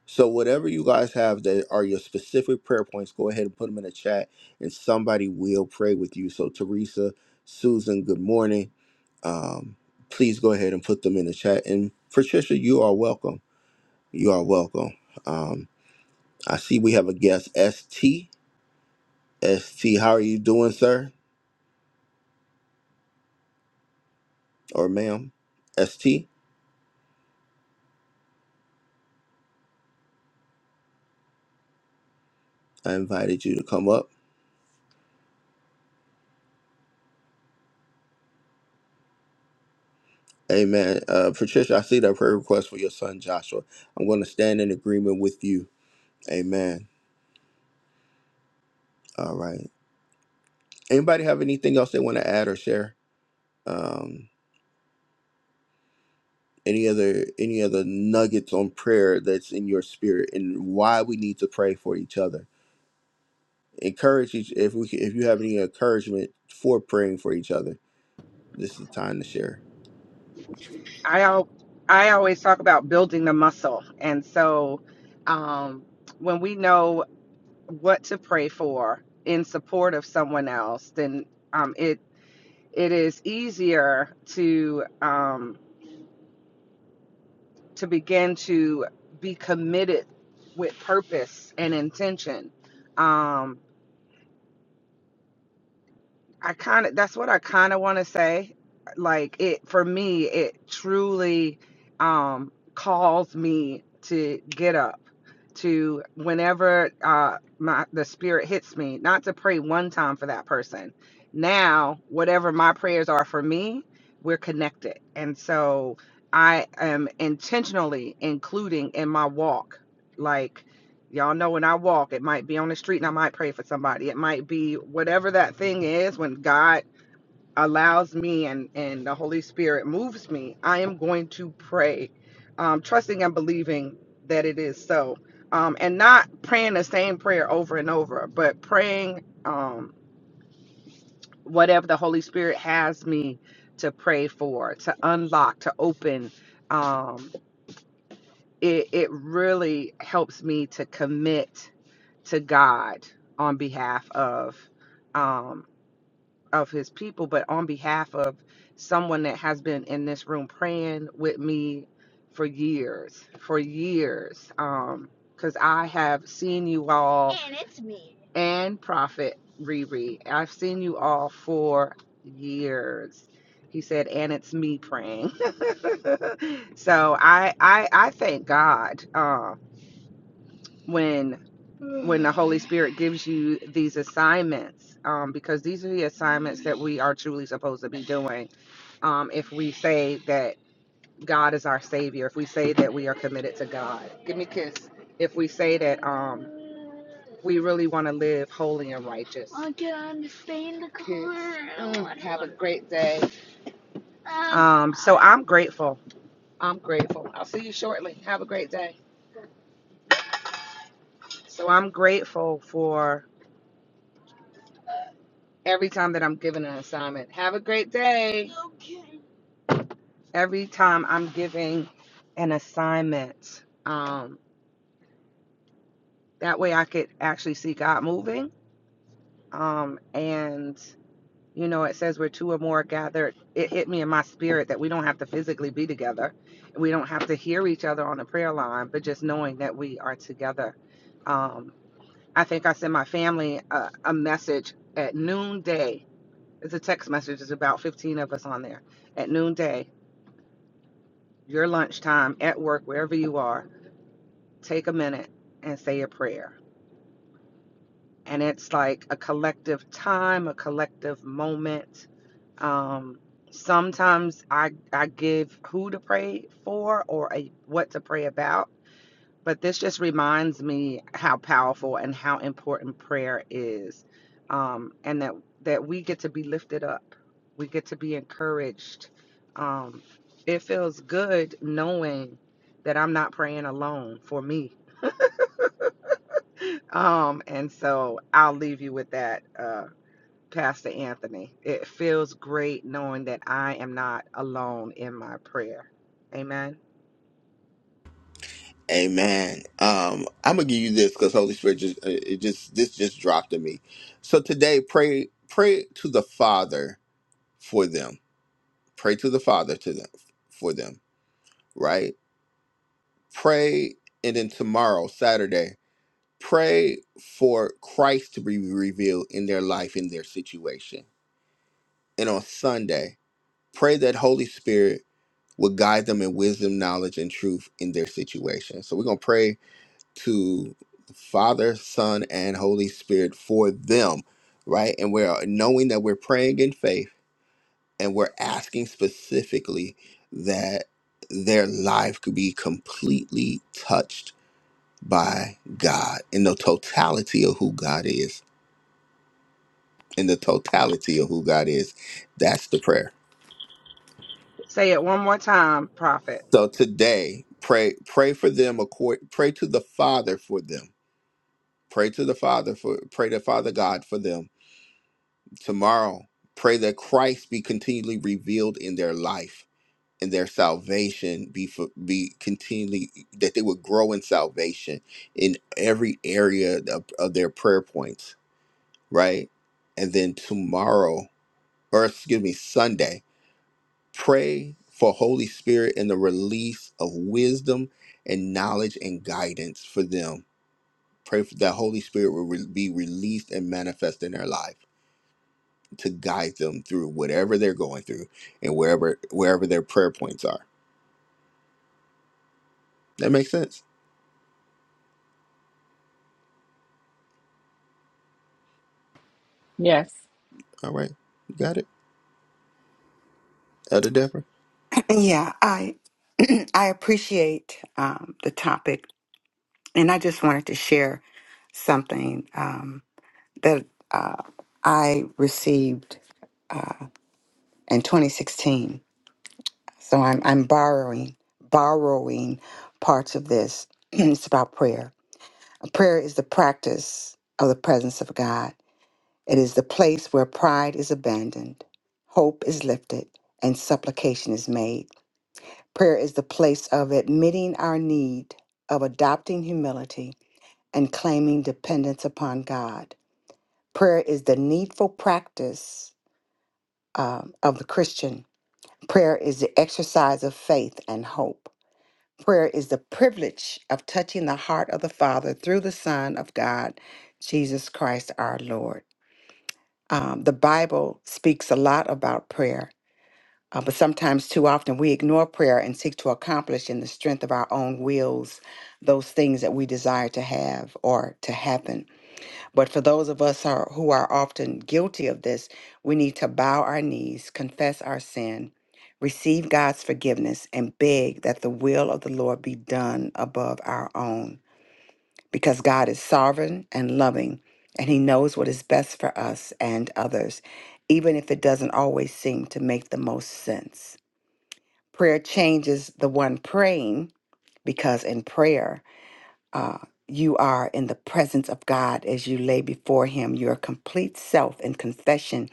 Speaker 1: So, whatever you guys have that are your specific prayer points, go ahead and put them in the chat and somebody will pray with you. So, Teresa, Susan, good morning. Um, please go ahead and put them in the chat. And Patricia, you are welcome. You are welcome. Um, I see we have a guest, ST. ST, how are you doing, sir? or ma'am, ST, I invited you to come up. Amen. Uh, Patricia, I see that prayer request for your son Joshua. I'm going to stand in agreement with you. Amen. All right. Anybody have anything else they want to add or share? Um, any other any other nuggets on prayer that's in your spirit and why we need to pray for each other? Encourage each if we if you have any encouragement for praying for each other, this is the time to share.
Speaker 3: I al- I always talk about building the muscle, and so um, when we know what to pray for in support of someone else, then um, it it is easier to. Um, to begin to be committed with purpose and intention. Um, I kind of that's what I kind of want to say. Like it for me, it truly um calls me to get up to whenever uh my the spirit hits me, not to pray one time for that person. Now, whatever my prayers are for me, we're connected. And so I am intentionally including in my walk like Y'all know when I walk, it might be on the street and I might pray for somebody. It might be whatever that thing is when God allows me and, and the Holy Spirit moves me, I am going to pray, um, trusting and believing that it is so. Um, and not praying the same prayer over and over, but praying um, whatever the Holy Spirit has me to pray for, to unlock, to open. Um, it it really helps me to commit to God on behalf of um of his people, but on behalf of someone that has been in this room praying with me for years, for years. Um, because I have seen you all and it's me and Prophet Riri. I've seen you all for years. He said, and it's me praying. so I I I thank God. Um when when the Holy Spirit gives you these assignments, um, because these are the assignments that we are truly supposed to be doing. Um, if we say that God is our Savior, if we say that we are committed to God, give me a kiss. If we say that um, we really want to live holy and righteous. I can stay Kiss. Mm, have a great day. Um, so I'm grateful. I'm grateful. I'll see you shortly. Have a great day. So I'm grateful for. every time that I'm given an assignment. Have a great day. Okay. Every time I'm giving an assignment, um, that way I could actually see God moving. Um, and you know, it says where two or more are gathered. It hit me in my spirit that we don't have to physically be together, we don't have to hear each other on the prayer line, but just knowing that we are together. Um, I think I sent my family a, a message at noonday It's a text message. There's about 15 of us on there. At noonday, your lunchtime, at work, wherever you are, take a minute and say a prayer. And it's like a collective time, a collective moment. Um, sometimes I I give who to pray for or a what to pray about But this just reminds me how powerful and how important prayer is, um, and that that we get to be lifted up, we get to be encouraged. Um, it feels good knowing that I'm not praying alone for me. Um, and so I'll leave you with that, uh, Pastor Anthony. It feels great knowing that I am not alone in my prayer. Amen.
Speaker 1: Amen. Um, I'm gonna give you this because Holy Spirit just uh, it just this just dropped in me. So today, pray pray to the Father for them. Pray to the Father to them for them. Right. Pray, and then tomorrow, Saturday, pray for Christ to be revealed in their life in their situation. And on Sunday, pray that Holy Spirit will guide them in wisdom, knowledge, and truth in their situation. So we're gonna pray to Father, Son, and Holy Spirit for them, right? And we're knowing that we're praying in faith and we're asking specifically that their life could be completely touched by God in the totality of who God is. In the totality of who God is. That's the prayer.
Speaker 3: Say it one more time, Prophet.
Speaker 1: So today, pray pray for them accord pray to the Father for them. Pray to the Father for pray to Father God for them tomorrow. Pray that Christ be continually revealed in their life and their salvation be for, be continually that they would grow in salvation in every area of, of their prayer points, right? And then tomorrow, or excuse me, Sunday, pray for Holy Spirit and the release of wisdom and knowledge and guidance for them. Pray for that Holy Spirit will re- be released and manifest in their life to guide them through whatever they're going through and wherever wherever their prayer points are. That makes sense.
Speaker 4: Yes.
Speaker 1: All right. You got it? Elder Deborah?
Speaker 5: Yeah, I I appreciate um, the topic, and I just wanted to share something um, that uh, I received uh, in 2016. So I'm I'm borrowing borrowing parts of this. it's about prayer. Prayer is the practice of the presence of God. It is the place where pride is abandoned, hope is lifted, and supplication is made. Prayer is the place of admitting our need, of adopting humility, and claiming dependence upon God. Prayer is the needful practice um, of the Christian. Prayer is the exercise of faith and hope. Prayer is the privilege of touching the heart of the Father through the Son of God, Jesus Christ our Lord. Um, the Bible speaks a lot about prayer, uh, but sometimes too often we ignore prayer and seek to accomplish in the strength of our own wills those things that we desire to have or to happen. But for those of us are, who are often guilty of this, we need to bow our knees, confess our sin, receive God's forgiveness, and beg that the will of the Lord be done above our own. Because God is sovereign and loving, and He knows what is best for us and others, even if it doesn't always seem to make the most sense. Prayer changes the one praying, because in prayer, uh, you are in the presence of God as you lay before Him your complete self in confession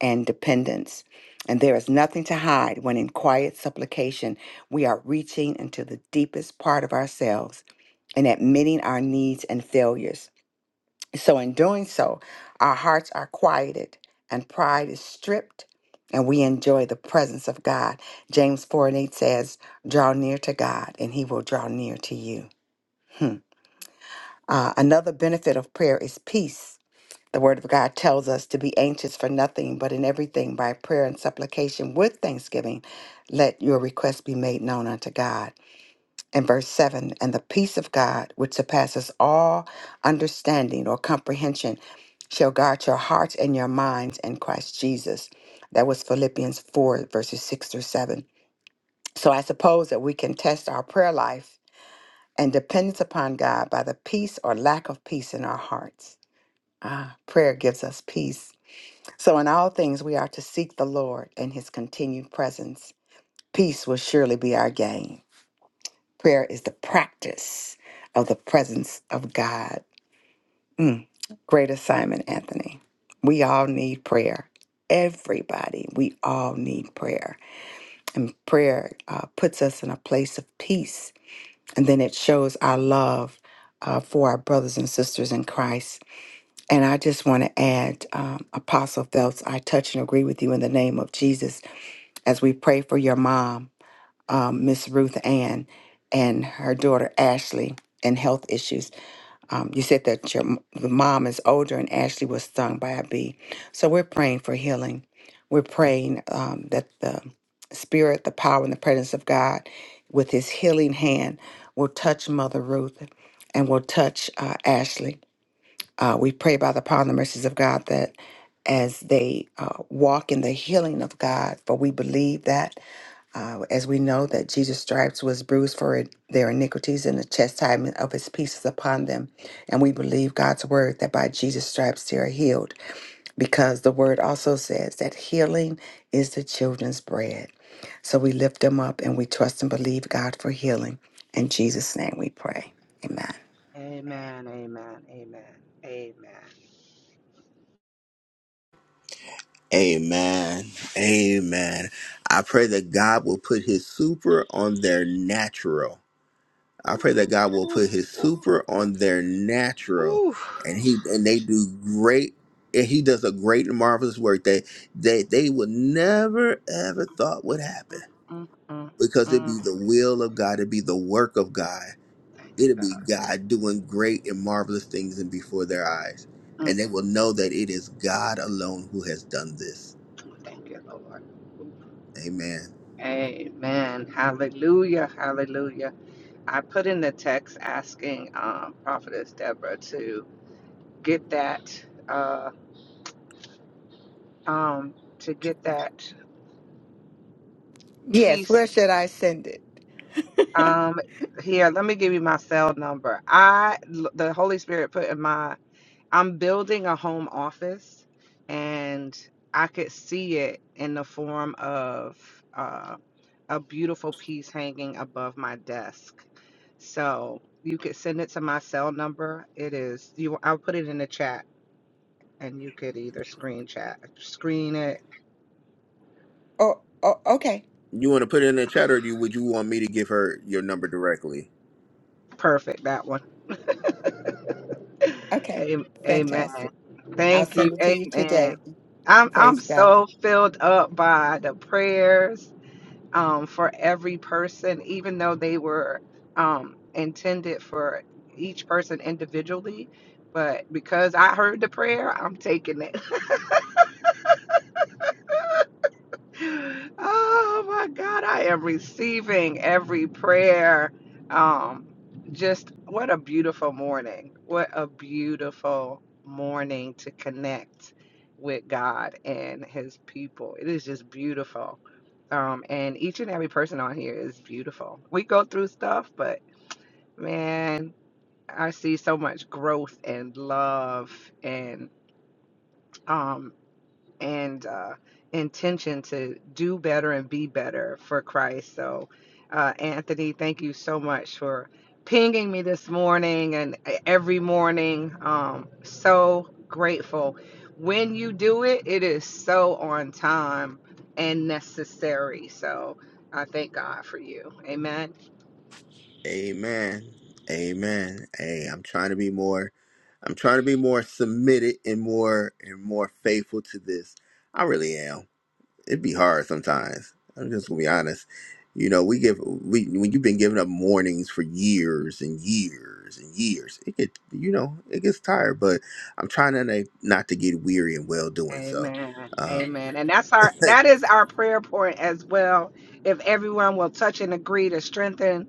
Speaker 5: and dependence. And there is nothing to hide when, in quiet supplication, we are reaching into the deepest part of ourselves and admitting our needs and failures. So, in doing so, our hearts are quieted and pride is stripped, and we enjoy the presence of God. James 4 and 8 says, Draw near to God, and He will draw near to you. Hmm. Uh, another benefit of prayer is peace. The Word of God tells us to be anxious for nothing, but in everything by prayer and supplication with thanksgiving, let your requests be made known unto God. And verse 7 And the peace of God, which surpasses all understanding or comprehension, shall guard your hearts and your minds in Christ Jesus. That was Philippians 4, verses 6 through 7. So I suppose that we can test our prayer life and dependence upon God by the peace or lack of peace in our hearts. Ah, prayer gives us peace. So, in all things, we are to seek the Lord and his continued presence. Peace will surely be our gain. Prayer is the practice of the presence of God. Mm, Great assignment, Anthony. We all need prayer. Everybody, we all need prayer. And prayer uh, puts us in a place of peace. And then it shows our love uh, for our brothers and sisters in Christ. And I just want to add, um, Apostle Phelps, I touch and agree with you in the name of Jesus as we pray for your mom, um, Miss Ruth Ann, and her daughter Ashley, and health issues. Um, you said that your m- the mom is older and Ashley was stung by a bee. So we're praying for healing. We're praying um, that the spirit, the power, and the presence of God, with His healing hand, will touch Mother Ruth and will touch uh, Ashley uh, we pray by the power and the mercies of God that as they uh, walk in the healing of God, for we believe that uh, as we know that Jesus' stripes was bruised for it- their iniquities, and the chastisement of his peace is upon them. And we believe God's word that by Jesus' stripes they are healed, because the word also says that healing is the children's bread. So we lift them up and we trust and believe God for healing. In Jesus' name we pray. Amen.
Speaker 3: Amen. Amen. Amen. Amen.
Speaker 1: Amen. Amen. I pray that God will put his super on their natural. I pray that God will
Speaker 3: Ooh,
Speaker 1: put his
Speaker 3: ooh,
Speaker 1: super on their natural
Speaker 3: ooh.
Speaker 1: and he
Speaker 3: Jesus.
Speaker 1: and they do great and he does a great and marvelous work that they, they would never ever thought would happen
Speaker 3: Mm, mm, mm,
Speaker 1: because it'd
Speaker 3: mm.
Speaker 1: be the will of God, it'd be the work of God.
Speaker 3: Thank you,
Speaker 1: It'll be
Speaker 3: God.
Speaker 1: God doing great and marvelous things in before their eyes. And
Speaker 3: Mm.
Speaker 1: they will know that it is God alone who has done this.
Speaker 3: Thank you, Lord.
Speaker 1: Amen.
Speaker 3: Amen. Hallelujah. Hallelujah. I put in the text asking um, Prophetess Deborah to get that uh, um, to get that
Speaker 5: Yes, where
Speaker 3: piece.
Speaker 5: should I send it?
Speaker 3: Um, here, let me give you my cell number. I the Holy Spirit put in my I'm building a home office and I could see it in the form of uh, a beautiful piece hanging above my desk. So you could send it to my cell number. It is you I'll put it in the chat and you could either screen chat screen it.
Speaker 5: Oh, oh, okay.
Speaker 1: You want to put it in the chat or do you, would you want me to give her your number directly?
Speaker 3: Perfect that one.
Speaker 5: Okay.
Speaker 3: Am- Amen.
Speaker 5: Fantastic. I'll
Speaker 3: Thank
Speaker 1: All
Speaker 5: send
Speaker 3: you.
Speaker 5: it to you
Speaker 3: Amen.
Speaker 5: today.
Speaker 3: I'm I'm
Speaker 5: Praise God.
Speaker 3: so filled up by the prayers um, for every person, even though they were um, intended for each person individually. But because I heard the prayer, I'm taking it. oh my God, I am receiving every prayer. Um, just what a beautiful morning. What a beautiful morning to connect with God and His people. It is just beautiful. Um, and each and every person on here is beautiful. We go through stuff, but man, I see so much growth and love and um and uh, intention to do better and be better for Christ. So, uh, Anthony, thank you so much for pinging me this morning and uh, every morning. Um, so grateful. When you do it, it is so on time and necessary. So, I thank God for you. Amen.
Speaker 1: right. Amen. Amen. Hey, I'm trying to be more I'm trying to be more submitted and more and more faithful to this. I really am. it'd be hard sometimes. I'm just gonna be honest. You know, we give we when you've been giving up mornings for years and years and years, it get you know it gets tired. But I'm trying to na- not to get weary and well doing. So,
Speaker 3: Amen.
Speaker 1: uh,
Speaker 3: Amen. And that's our that is our prayer point as well. If everyone will touch and agree to strengthen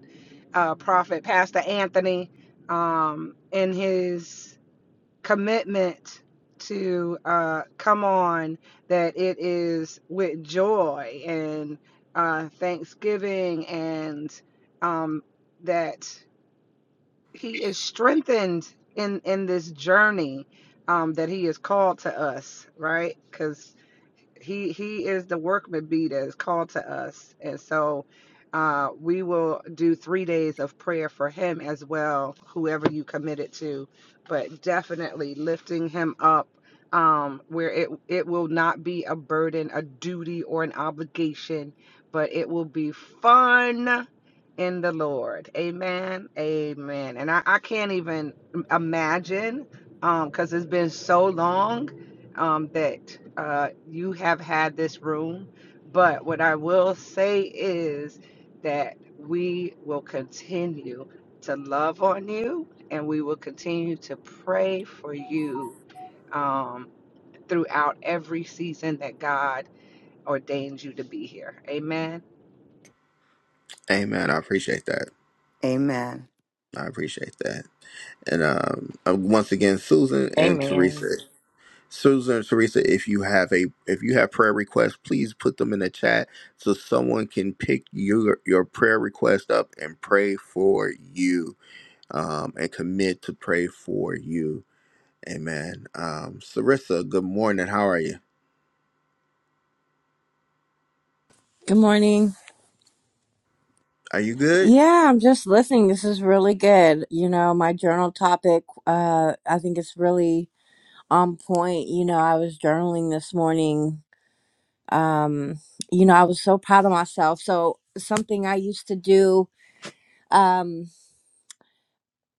Speaker 3: uh Prophet Pastor Anthony um in his commitment to uh come on that it is with joy and uh thanksgiving and um that he is strengthened in in this journey um that he is called to us, right? Cuz he he is the workman bee that is called to us and so uh, we will do three days of prayer for him as well whoever you committed to but definitely lifting him up um, where it it will not be a burden a duty or an obligation but it will be fun in the lord amen amen and i, I can't even imagine um, because it's been so long um, that uh, you have had this room. But what I will say is that we will continue to love on you and we will continue to pray for you um, throughout every season that God ordains you to be here. Amen.
Speaker 1: Amen. I appreciate that.
Speaker 5: Amen.
Speaker 1: I appreciate that. And um, uh, once again, Susan and Teresa,
Speaker 4: Amen.
Speaker 1: Susan and Teresa, if you have a if you have prayer requests, please put them in the chat so someone can pick your your prayer request up and pray for you um, and commit to pray for you. Amen. Um, Sarissa, good morning. How are you?
Speaker 6: Good morning.
Speaker 1: Are you good?
Speaker 6: Yeah, I'm just listening. This is really good. You know, my journal topic, uh, I think it's really on point. You know, I was journaling this morning. Um, you know, I was so proud of myself. So, something I used to do um,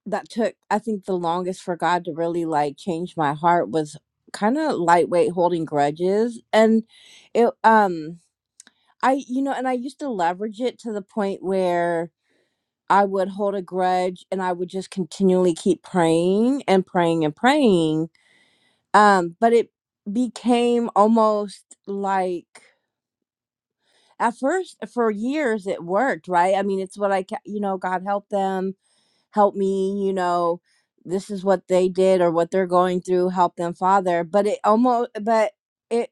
Speaker 6: that took, I think, the longest for God to really like change my heart was kind of lightweight holding grudges. And it, um, I, you know, and I used to leverage it to the point where I would hold a grudge and I would just continually keep praying and praying and praying. Um, but it became almost like at first for years it worked, right? I mean, it's what I, ca- you know, God help them, help me, you know, this is what they did or what they're going through, help them, Father. But it almost, but it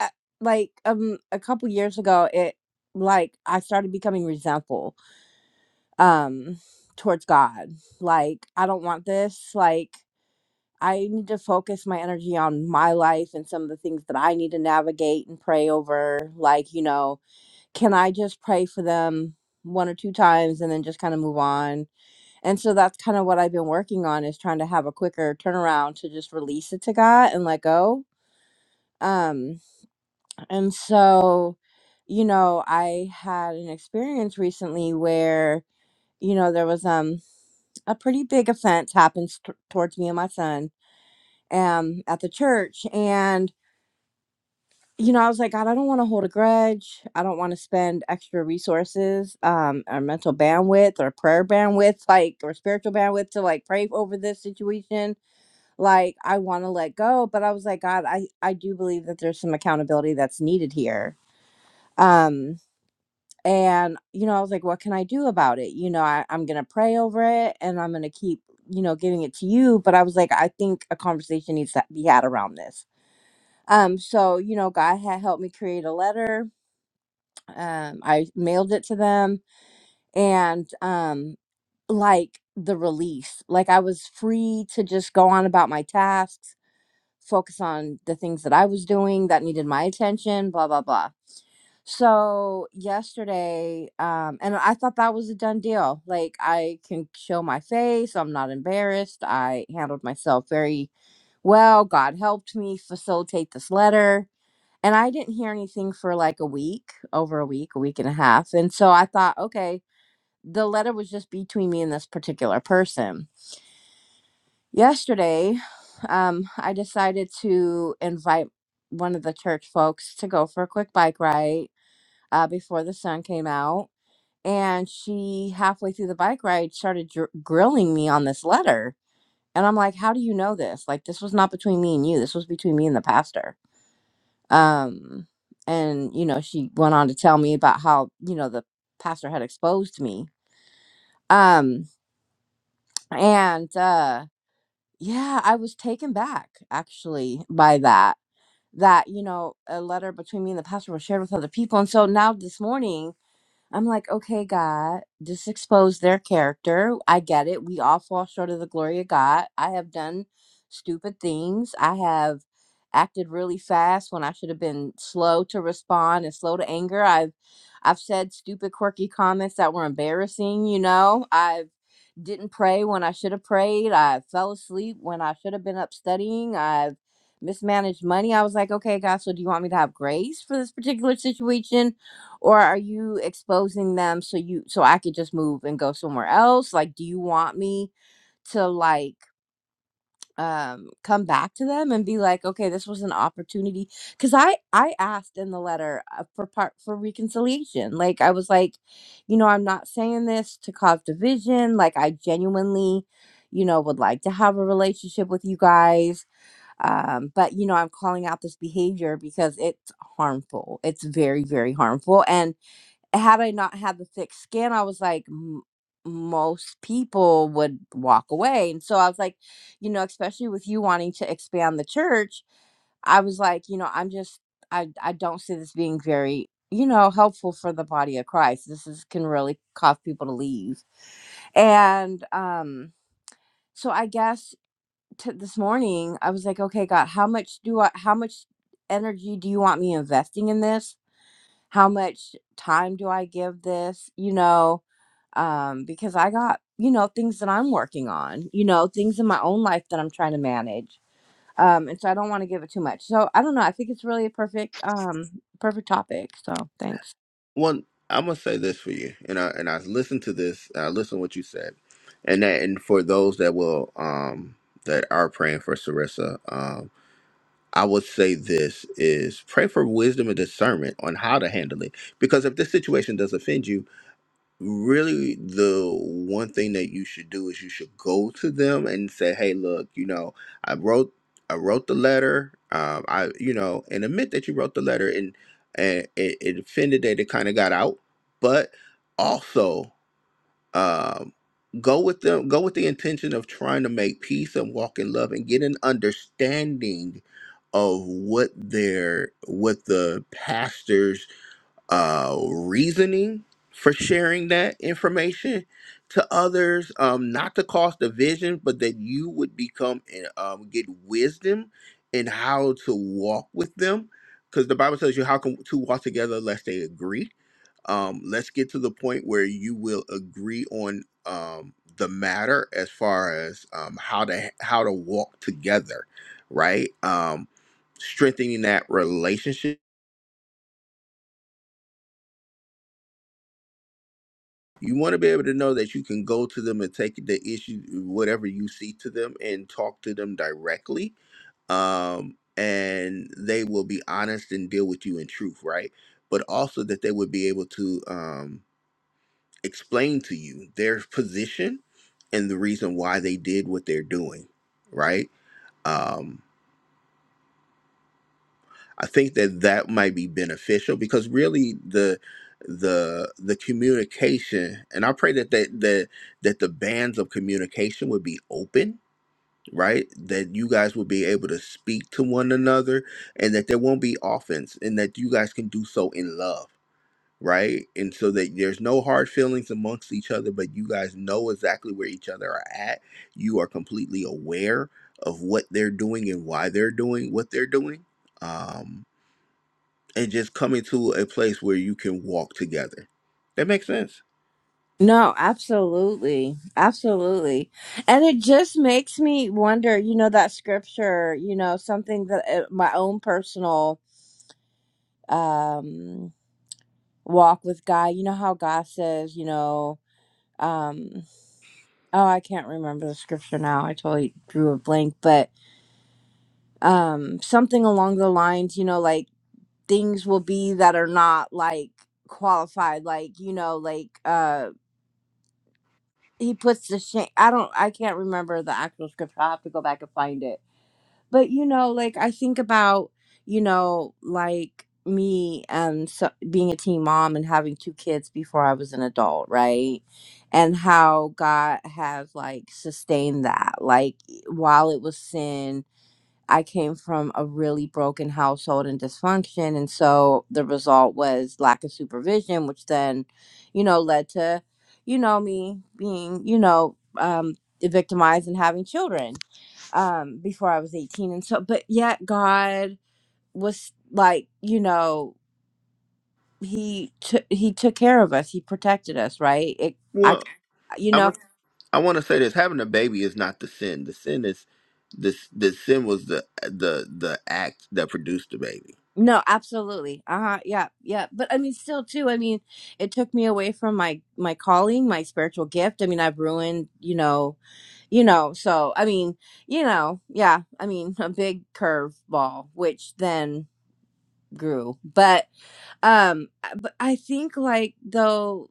Speaker 6: uh, like um a couple years ago, it like I started becoming resentful um towards God. Like I don't want this. Like I need to focus my energy on my life and some of the things that I need to navigate and pray over. Like, you know, can I just pray for them one or two times and then just kind of move on? And so that's kind of what I've been working on is trying to have a quicker turnaround to just release it to God and let go. Um and so you know, I had an experience recently where you know there was um a pretty big offense happens t- towards me and my son um at the church and you know i was like god i don't want to hold a grudge i don't want to spend extra resources um or mental bandwidth or prayer bandwidth like or spiritual bandwidth to like pray over this situation like i want to let go but i was like god i i do believe that there's some accountability that's needed here um and you know i was like what can i do about it you know I, i'm gonna pray over it and i'm gonna keep you know giving it to you but i was like i think a conversation needs to be had around this um so you know god had helped me create a letter um i mailed it to them and um like the release like i was free to just go on about my tasks focus on the things that i was doing that needed my attention blah blah blah So yesterday, um, and I thought that was a done deal. Like I can show my face, I'm not embarrassed. I handled myself very well. God helped me facilitate this letter. And I didn't hear anything for like a week, over a week, a week and a half. And so I thought, okay, the letter was just between me and this particular person. Yesterday, um, I decided to invite one of the church folks to go for a quick bike ride uh, before the sun came out. And she, halfway through the bike ride, started dr- grilling me on this letter. And I'm like, how do you know this? Like, this was not between me and you. This was between me and the pastor. Um, and, you know, she went on to tell me about how, you know, the pastor had exposed me. Um, and uh, yeah, I was taken back actually by that, that, you know, a letter between me and the pastor was shared with other people. And so now this morning, I'm like, okay, God, just expose their character. I get it. We all fall short of the glory of God. I have done stupid things. I have acted really fast when I should have been slow to respond and slow to anger. I've I've said stupid quirky comments that were embarrassing, you know. I've didn't pray when I should have prayed. I fell asleep when I should have been up studying. I've mismanaged money. I was like, okay, God, so do you want me to have grace for this particular situation? or are you exposing them so you so I could just move and go somewhere else? Like, do you want me to like um come back to them and be like, okay, this was an opportunity? Because I I asked in the letter uh, for part for reconciliation. Like, I was like, you know, I'm not saying this to cause division. Like, I genuinely, you know, would like to have a relationship with you guys. Um, but you know, I'm calling out this behavior because it's harmful. It's very, very harmful. And had I not had the thick skin, I was like, "M- most people would walk away. And so I was like, you know, especially with you wanting to expand the church, I was like, you know, I'm just, I, I don't see this being very, you know, helpful for the body of Christ. This is, can really cause people to leave. And um, so I guess t- this morning I was like, okay, God, how much do I, how much energy do you want me investing in this? How much time do I give this? You know, um, because I got, you know, things that I'm working on, you know, things in my own life that I'm trying to manage. Um, and so I don't want to give it too much. So I don't know. I think it's really a perfect, um, perfect topic. So thanks.
Speaker 1: Well, I'm gonna say this for you, and I and I listened to this. I listened to what you said, and that and for those that will um that are praying for Sarissa, um, I would say this is pray for wisdom and discernment on how to handle it. Because if this situation does offend you, really the one thing that you should do is you should go to them and say hey look you know i wrote i wrote the letter um i you know and admit that you wrote the letter and and it, it offended that it kind of got out but also um go with them go with the intention of trying to make peace and walk in love and get an understanding of what their what the pastors uh, reasoning for sharing that information to others, um, not to cause division, but that you would become and um, get wisdom in how to walk with them. Because the Bible tells you how can two walk together lest they agree. Um, let's get to the point where you will agree on um, the matter as far as um, how to how to walk together, right? Um, strengthening that relationship you want to be able to know that you can go to them and take the issue whatever you see to them and talk to them directly um and they will be honest and deal with you in truth right but also that they would be able to um explain to you their position and the reason why they did what they're doing right Um, I think that that might be beneficial because really the the the communication and I pray that that that, that the bands of communication would be open right that you guys will be able to speak to one another and that there won't be offense and that you guys can do so in love right and so that there's no hard feelings amongst each other but you guys know exactly where each other are at you are completely aware of what they're doing and why they're doing what they're doing Um, and just coming to a place where you can walk together. That makes sense.
Speaker 6: No, absolutely. Absolutely. And it just makes me wonder, you know, that scripture, you know, something that uh, my own personal, um, walk with God, you know, how God says, you know, um, oh, I can't remember the scripture now. I totally drew a blank, but um something along the lines you know like things will be that are not like qualified like you know like uh he puts the shame i don't i can't remember the actual scripture i have to go back and find it but you know like i think about you know like me and so, being a teen mom and having two kids before i was an adult right and how god has like sustained that like while it was sin I came from a really broken household and dysfunction. And so the result was lack of supervision, which then, you know, led to, you know, me being, you know, um, victimized and having children um, before I was 18. And so, but yet God was like, you know, he took he took care of us. He protected us, right? It I c-
Speaker 1: Well,
Speaker 6: you know
Speaker 1: I'm a, I want to say this: having a baby is not the sin. The sin is this. The sin was the the the act that produced the baby.
Speaker 6: No, absolutely. Uh-huh. Yeah. Yeah. But I mean still too, I mean, it took me away from my my calling, my spiritual gift. I mean, I've ruined, you know, you know, so I mean, you know, yeah. I mean, a big curveball which then grew. But um I- but I think like though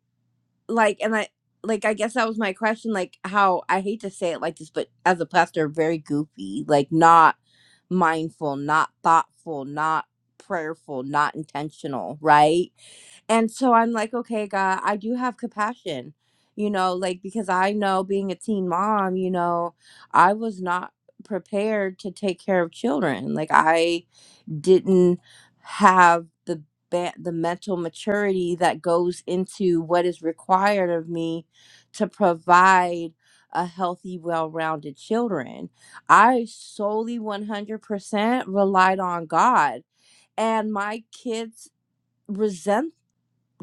Speaker 6: like and i like i guess that was my question like how i hate to say it like this but as a pastor very goofy like not mindful not thoughtful not prayerful not intentional right and so i'm like okay god i do have compassion you know like because i know being a teen mom you know i was not prepared to take care of children like i didn't have the ba- the mental maturity that goes into what is required of me to provide a healthy well-rounded children i solely 100% relied on god and my kids resent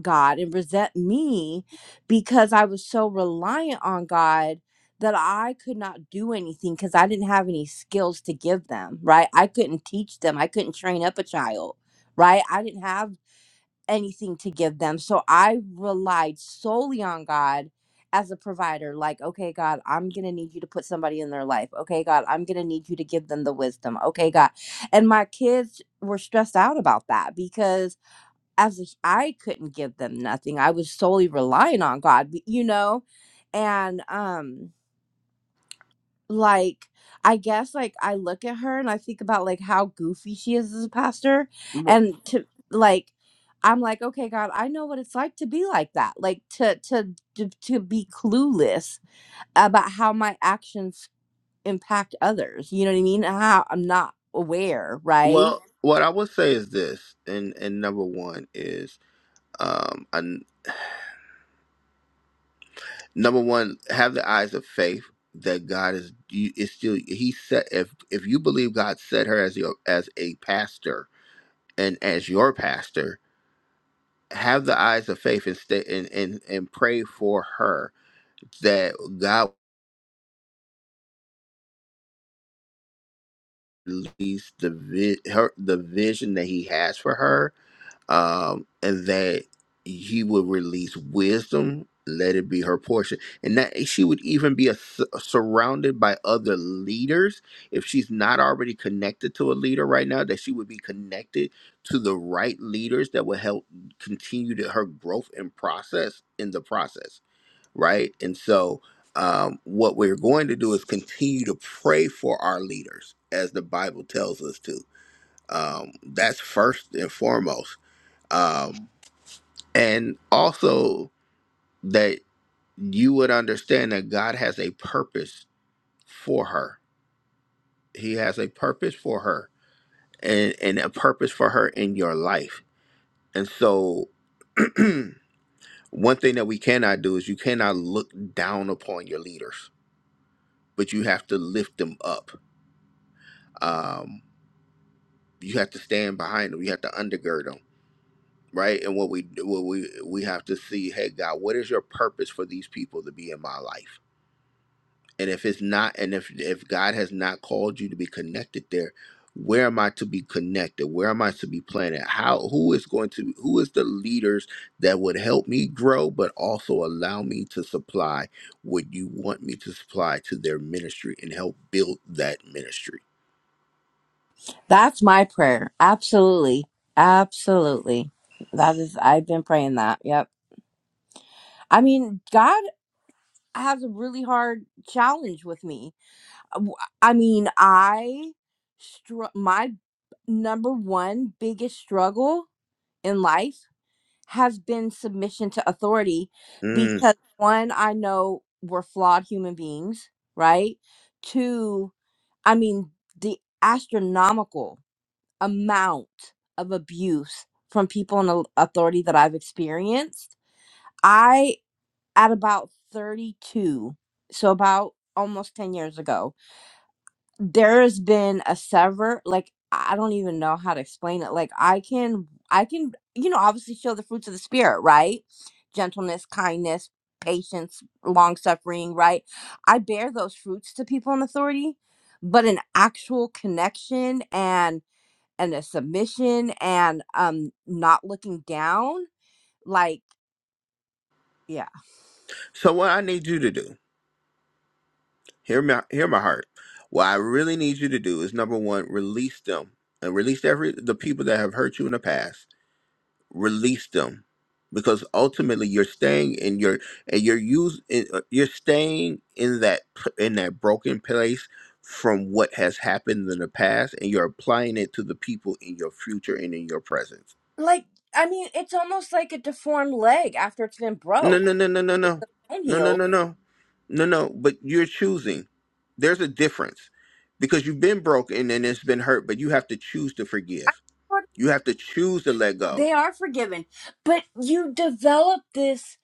Speaker 6: God and resent me because I was so reliant on God that I could not do anything because I didn't have any skills to give them, right? I couldn't teach them, I couldn't train up a child, right? I didn't have anything to give them. So I relied solely on God as a provider like okay god i'm going to need you to put somebody in their life okay god i'm going to need you to give them the wisdom okay god and my kids were stressed out about that because as a, I couldn't give them nothing. I was solely relying on God, b- you know? And um like I guess like I look at her and I think about like how goofy she is as a pastor
Speaker 1: Wh-
Speaker 6: and to like I'm like, okay, God, I know what it's like to be like that. Like to to to, to be clueless about how my actions impact others. You know what I mean? How I'm not aware, right?
Speaker 1: Well, what I would say is this, and and number one is um and number one have the eyes of faith that God is you is still he set if if you believe God set her as your as a pastor and as your pastor have the eyes of faith and stay and and, and pray for her that God release the vi- her the vision that He has for her, um, and that He will release wisdom. Let it be her portion, and that she would even be a, su- surrounded by other leaders. If she's not already connected to a leader right now, that she would be connected to the right leaders that will help continue to her growth and process in the process right? And so, um, what we're going to do is continue to pray for our leaders, as the Bible tells us to. Um, that's first and foremost, um, and also that you would understand that God has a purpose for her. He has a purpose for her, and and a purpose for her in your life. And so, one thing that we cannot do is you cannot look down upon your leaders, but you have to lift them up um, you have to stand behind them. You have to undergird them, right? And what we what we we have to see, hey God, what is your purpose for these people to be in my life? And if it's not, and if if God has not called you to be connected there, where am I to be connected? Where am I to be planted? How who is going to who is the leaders that would help me grow, but also allow me to supply what you want me to supply to their ministry and help build that ministry?
Speaker 6: That's my prayer. Absolutely. Absolutely. That is, I've been praying that. Yep. I mean, God has a really hard challenge with me. Uh, W- I mean, I, str- my number one biggest struggle in life has been submission to authority
Speaker 1: Mm.
Speaker 6: because one, I know we're flawed human beings, right? Two, I mean, the astronomical amount of abuse from people in authority that I've experienced. I, at about 32, so about almost 10 years ago, there has been a sever, like, I don't even know how to explain it. Like, I can, I can, you know, obviously show the fruits of the spirit, right? Gentleness, kindness, patience, long suffering, right? I bear those fruits to people in authority, but an actual connection and and a submission and um not looking down like yeah
Speaker 1: So what I need you to do? hear my hear my heart. What I really need you to do is number one, release them and release every the people that have hurt you in the past. Release them because ultimately you're staying in your and you're use in- uh, you're staying in that p- in that broken place from what has happened in the past and you're applying it to the people in your future and in your presence
Speaker 6: Like, I mean, it's almost like a deformed leg after it's been
Speaker 1: No,
Speaker 6: broke. Like,
Speaker 1: no, no, no, no,
Speaker 6: if
Speaker 1: no,
Speaker 6: the bone
Speaker 1: no, no,
Speaker 6: heals,
Speaker 1: no, no, no, no. But you're choosing. There's a difference because you've been broken and it's been hurt, but you have to choose to forgive.
Speaker 6: for-
Speaker 1: You have to choose to let go.
Speaker 6: they are forgiven. But you develop this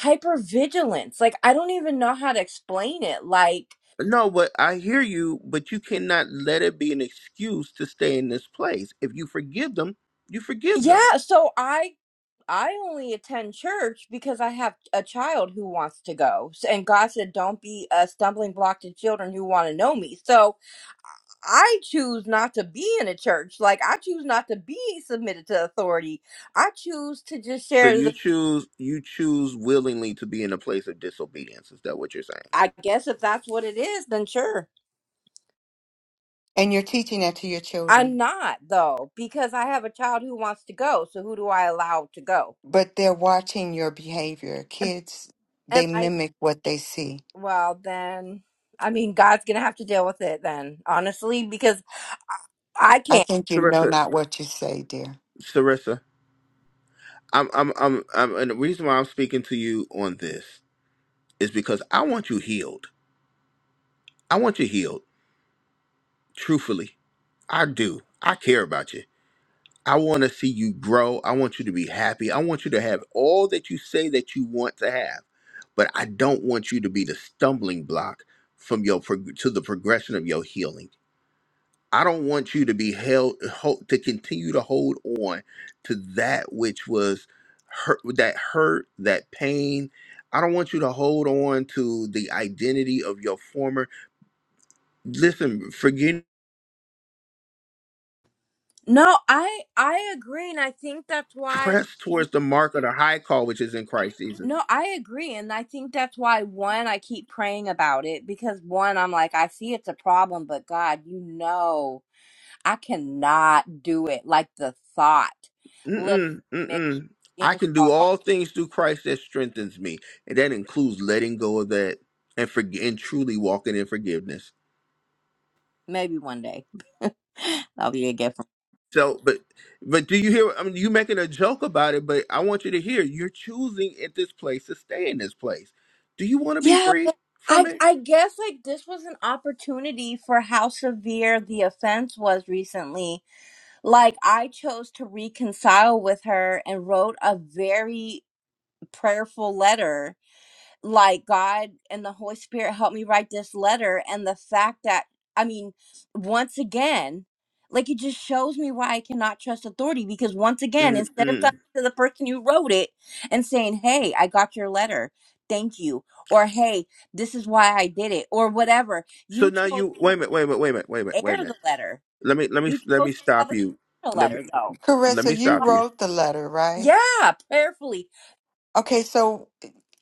Speaker 6: hypervigilance. Like, I don't even know how to explain it. Like,
Speaker 1: No, but I hear you, but you cannot let it be an excuse to stay in this place. If you forgive them, you forgive them.
Speaker 6: yeah, so I I only attend church because I have a child who wants to go. S- And God said, "Don't be a stumbling block to children who want to know me." So, I choose not to be in a church. Like I choose not to be submitted to authority. I choose to just
Speaker 1: So
Speaker 6: share
Speaker 1: you
Speaker 6: the
Speaker 1: choose you choose willingly to be in a place of disobedience. Is that what you're saying?
Speaker 6: I guess if that's what it is, then sure.
Speaker 5: And you're teaching that to your
Speaker 6: I'm
Speaker 5: children,
Speaker 6: not though, because I have a child who wants to go. So who do I allow to go?
Speaker 5: but they're watching your behavior. Kids,
Speaker 6: And
Speaker 5: they
Speaker 6: I
Speaker 5: mimic what they see.
Speaker 6: well then I mean God's gonna have to deal with it then, honestly, because I I
Speaker 5: I
Speaker 6: can't.
Speaker 5: think you know
Speaker 1: Sarissa,
Speaker 5: not what you say, dear.
Speaker 1: Sarissa, I'm I'm I'm I'm and the reason why I'm speaking to you on this is because I want you healed. I want you healed. Truthfully, I do. I care about you. I want to see you grow. I want you to be happy. I want you to have all that you say that you want to have. But I don't want you to be the stumbling block from your prog- to the progression of your healing. I don't want you to be held ho- to continue to hold on to that which was hurt, that hurt, that pain. I don't want you to hold on to the identity of your former Listen, forgetting
Speaker 6: No, I I agree, and I think that's why
Speaker 1: press towards the mark of the high call which is in Christ Jesus.
Speaker 6: No, I agree. And I think that's why, one, I keep praying about it because, one, I'm like, I see it's a problem, but God, you know, I cannot do it. Like the thought literally
Speaker 1: Mm-mm,
Speaker 6: makes
Speaker 1: mm-mm.
Speaker 6: me
Speaker 1: I can do
Speaker 6: crawl.
Speaker 1: all things through Christ that strengthens me, and that includes letting go of that and forg- and truly walking in forgiveness.
Speaker 6: Maybe one day that'll be a gift. From-
Speaker 1: So, but but do you hear? I mean, you making a joke about it, but I want you to hear. You're choosing at this place to stay in this place. Do you want to be
Speaker 6: yeah,
Speaker 1: free
Speaker 6: but
Speaker 1: from
Speaker 6: I,
Speaker 1: it?
Speaker 6: I guess like this was an opportunity for how severe the offense was recently. Like, I chose to reconcile with her and wrote a very prayerful letter like God and the Holy Spirit helped me write this letter. And the fact that, I mean, once again, like it just shows me why I cannot trust authority because once again, instead of coming
Speaker 1: Mm-mm.
Speaker 6: to the person who wrote it and saying, Hey, I got your letter. Thank you. Or, Hey, this is why I did it. Or whatever.
Speaker 1: So
Speaker 6: You
Speaker 1: now
Speaker 6: chose
Speaker 1: you wait a minute, wait a minute, wait a minute, wait a minute,
Speaker 6: to
Speaker 1: wait a
Speaker 6: air
Speaker 1: minute.
Speaker 6: the letter.
Speaker 1: Let me let me
Speaker 6: You
Speaker 1: let me
Speaker 6: chose to
Speaker 1: stop
Speaker 6: publicly
Speaker 1: you.
Speaker 6: air the
Speaker 1: Let me
Speaker 6: letter, though.
Speaker 1: let me
Speaker 5: Carissa, you
Speaker 1: stop you.
Speaker 5: wrote the letter, right?
Speaker 6: Yeah, prayerfully.
Speaker 5: Okay, so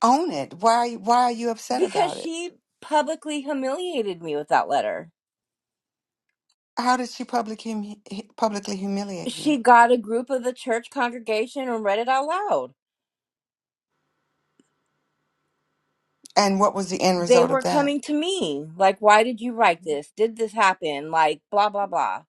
Speaker 5: own it. Why why are you upset
Speaker 6: Because
Speaker 5: about it?
Speaker 6: she publicly humiliated me with that letter.
Speaker 5: How did she public hum- publicly humiliate you?
Speaker 6: she got a group of the church congregation and read it out loud.
Speaker 5: And what was the end
Speaker 6: They
Speaker 5: result of
Speaker 6: were
Speaker 5: that?
Speaker 6: coming to me, like, why did you write this? Did this happen? Like, blah, blah, blah.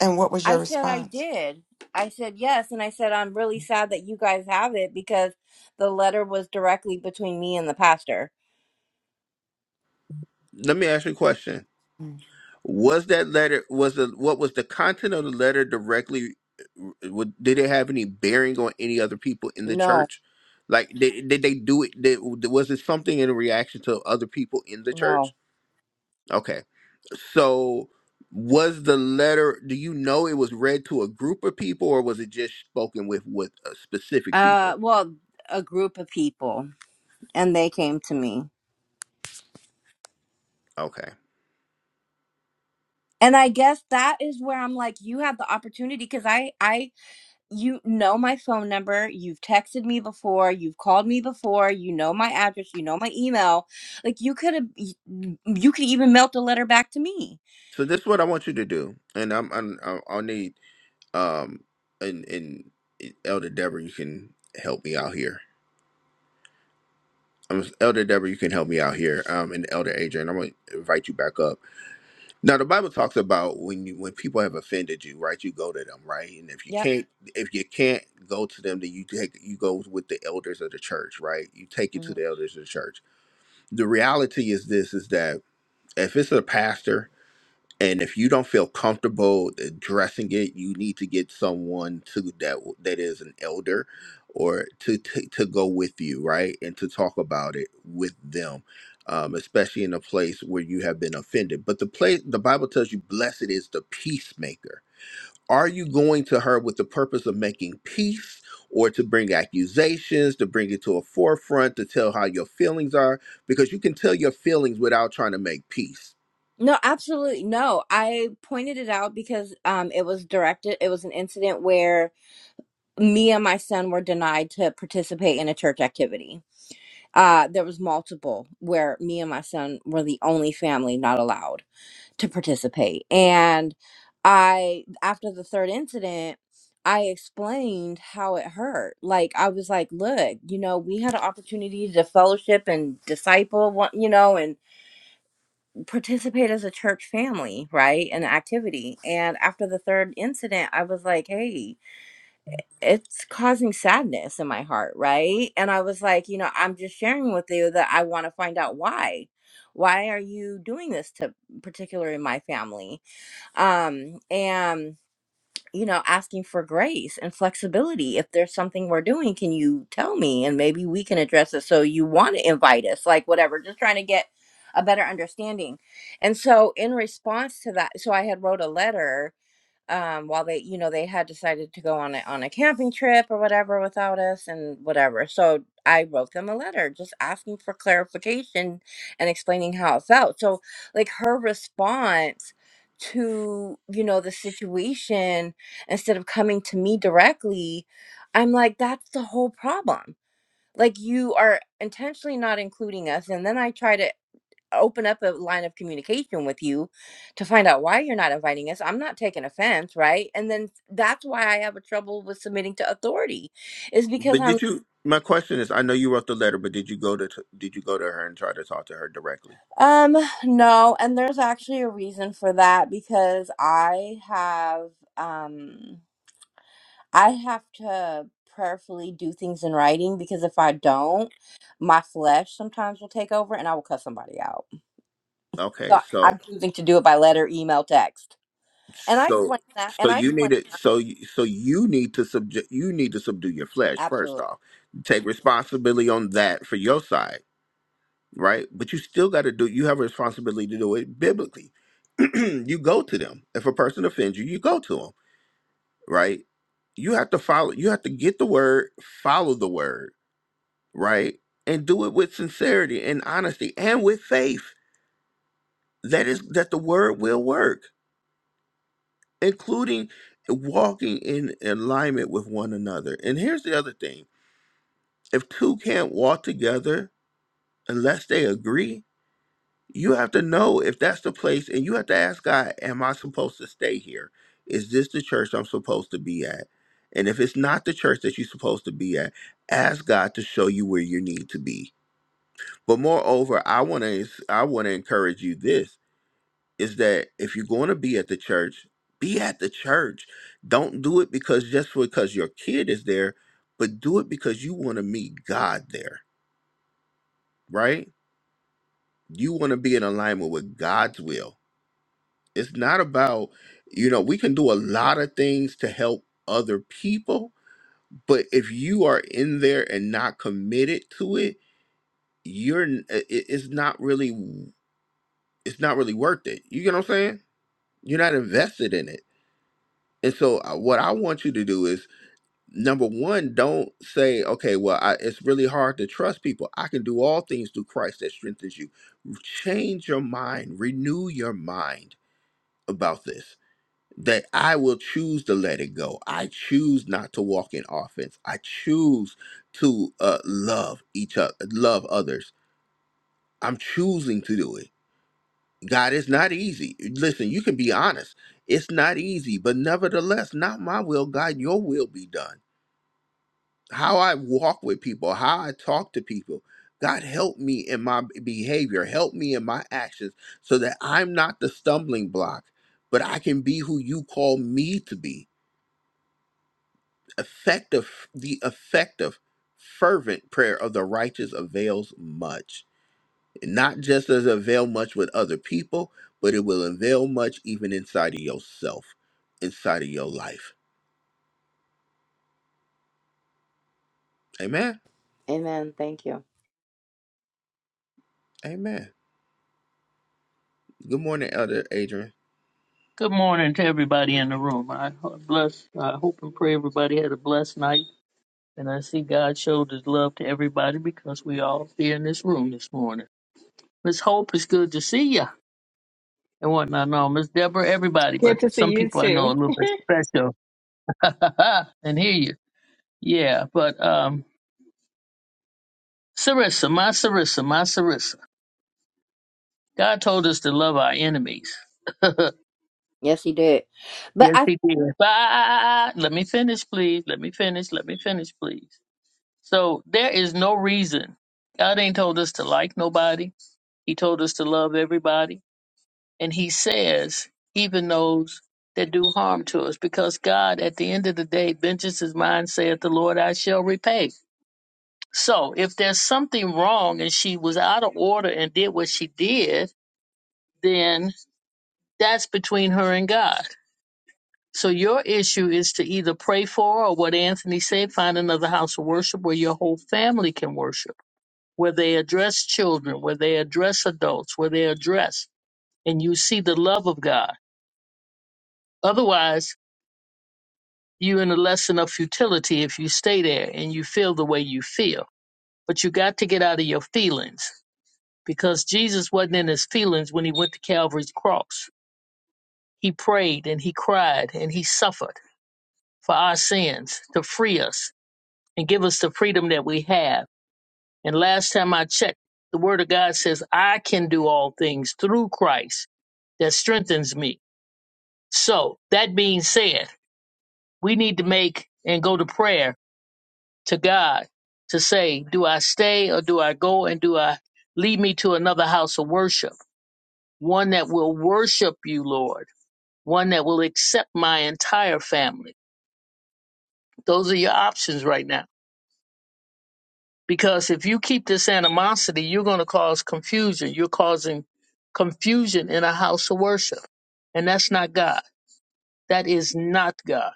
Speaker 5: And what was
Speaker 6: I
Speaker 5: your
Speaker 6: said, I
Speaker 5: response?
Speaker 6: did. I said, yes. And I said, I'm really sad that you guys have it because the letter was directly between me and the pastor.
Speaker 1: Let me ask you a question.
Speaker 5: Mm.
Speaker 1: Was that letter was the what was the content of the letter directly? uh, would- Did it have any bearing on any other people in the
Speaker 6: No,
Speaker 1: church? Like did, did they do it? Did, was it something in reaction to other people in the church?
Speaker 6: no.
Speaker 1: Okay, so was the letter? Do you know it was read to a group of people, or was it just spoken with with uh, specific
Speaker 6: Uh,
Speaker 1: people?
Speaker 6: well, a group of people, and they came to me.
Speaker 1: Okay,
Speaker 6: And I guess that is where I'm like, you had the opportunity because I, I you know my phone number. You've texted me before. You've called me before. You know my address. You know my email. Like you could have, you you could even melt a letter back to me.
Speaker 1: so this is what I want you to do, and I'm, I'm I'll I'll need Um, and and Elder Deborah, you can help me out here. Um, Elder Deborah, you can help me out here. Um, and Elder Adrian, I'm gonna invite you back up. Now, the Bible talks about when you when people have offended you, right? You go to them, right? And if you
Speaker 6: Yep.
Speaker 1: can't if you can't go to them, then you take you go with the elders of the church, right? You take it
Speaker 6: hmm
Speaker 1: to the elders of the church. The reality is this: is that if it's a pastor and if you don't feel comfortable addressing it you need to get someone to that that is an elder or to to, to go with you right and to talk about it with them um, especially in a place where you have been offended but the place the bible tells you blessed is the peacemaker are you going to her with the purpose of making peace or to bring accusations to bring it to a forefront to tell how your feelings are because you can tell your feelings without trying to make peace
Speaker 6: No, absolutely no. I pointed it out because um, it was directed. It was an incident where me and my son were denied to participate in a church activity. Uh, there was multiple where me and my son were the only family not allowed. to participate. And I, after the third incident, I explained how it hurt. Like, I was like, look, you know, we had an opportunity to fellowship and disciple, one, you know, and participate as a church family, right? An activity. And after the third incident, I was like, hey, it's causing sadness in my heart, right? And I was like, you know, I'm just sharing with you that I want to find out why. Why are you doing this to particular in my family? um and you know asking for grace and flexibility if there's something we're doing can you tell me and maybe we can address it so you want to invite us like whatever just trying to get a better understanding and so in response to that so i had wrote a letter um while they you know they had decided to go on a on a camping trip or whatever without us and whatever so i wrote them a letter just asking for clarification and explaining how it felt so like her response to you know the situation instead of coming to me directly i'm like that's the whole problem like you are intentionally not including us and then i try to open up a line of communication with you to find out why you're not inviting us. I'm not taking offense, right? And then that's why I have a trouble with submitting to authority is because
Speaker 1: But
Speaker 6: I'm
Speaker 1: did you? My question is, I know you wrote the letter, but did you go to did you go to her and try to talk to her directly?
Speaker 6: um no, and there's actually a reason for that because I have um I have to prayerfully do things in writing because if I don't, my flesh sometimes will take over and I will cut somebody out.
Speaker 1: Okay,
Speaker 6: So
Speaker 1: so
Speaker 6: I'm choosing to do it by letter, email, text. And I
Speaker 1: so
Speaker 6: explain that
Speaker 1: so
Speaker 6: and I
Speaker 1: you
Speaker 6: explain
Speaker 1: need it. So you- so you need to subject. You need to subdue your flesh
Speaker 6: absolutely.
Speaker 1: first off. Take responsibility on that for your side, right? But you still got to do. You have a responsibility to do it biblically. you go to them. If a person offends you, you go to them, right? You have to follow. You have to get the word, follow the word right? And do it with sincerity and honesty and with faith that is that the word will work, including walking in alignment with one another. And here's the other thing. If two can't walk together unless they agree, you have to know if that's the place and you have to ask God, am I supposed to stay here? Is this the church I'm supposed to be at? And if it's not the church that you're supposed to be at, ask God to show you where you need to be But moreover, I want to I want to encourage you this is that if you're going to be at the church, be at the church. Don't do it because just because your kid is there, but do it because you want to meet God there, right? You want to be in alignment with God's will. It's not about, you know, we can do a lot of things to help other people, but if you are in there and not committed to it, you're n- i- i- it's not really it's not really worth it. You get what I'm saying? You're not invested in it. And so, uh, what I want you to do is number one, don't say, okay, well, I, it's really hard to trust people. I can do all things through Christ that strengthens you. Change your mind, renew your mind about this. That I will choose to let it go. I choose not to walk in offense. I choose to uh, love each other, love others. I'm choosing to do it God, it's not easy. Listen, you can be honest. It's not easy, but nevertheless, not my will, God, your will be done. How I walk with people, how I talk to people. God, help me in my behavior, help me in my actions so that I'm not the stumbling block, but I can be who you call me to be. Effective, the effective, fervent prayer of the righteous avails much. Not just does it avail much with other people, but it will avail much even inside of yourself, inside of your life. Amen.
Speaker 6: Amen. Thank you.
Speaker 1: Amen. Good morning, Elder Adrian.
Speaker 7: Good morning to everybody in the room. I ho- bless. I hope and pray everybody had a blessed night, and I see God showed His love to everybody because we all here in this room this morning. Miss Hope, it's good to see ya and whatnot. No, Miss Deborah, everybody, but
Speaker 4: Good to see
Speaker 7: some
Speaker 4: you
Speaker 7: people I know a
Speaker 4: too.
Speaker 7: little bit special and hear you. Yeah, but um, Sarissa, my Sarissa, my Sarissa. God told us to love our enemies.
Speaker 6: Yes, he did. But
Speaker 7: Yes,
Speaker 6: I
Speaker 7: He did. Bye. Let me finish, please. Let me finish. Let me finish, please. So there is no reason. God ain't told us to like nobody. He told us to love everybody. And he says, even those that do harm to us, because God, at the end of the day, vengeance is mine, saith the Lord, I shall repay. So if there's something wrong and she was out of order and did what she did, then that's between her and God. So your issue is to either pray for her or what Anthony said, find another house of worship where your whole family can worship where they address children, where they address adults, where they address, and you see the love of God. Otherwise, you're in a lesson of futility if you stay there and you feel the way you feel. But you got to get out of your feelings because Jesus wasn't in his feelings when he went to Calvary's cross. He prayed and he cried and he suffered for our sins to free us and give us the freedom that we have. And last time I checked, the Word of God says, I can do all things through Christ that strengthens me. So that being said, we need to make and go to prayer to God to say, do I stay or do I go and do I lead me to another house of worship? One that will worship you, Lord. One that will accept my entire family. Those are your options right now. Because if you keep this animosity, you're going to cause confusion. You're causing confusion in a house of worship. And that's not God. That is not God.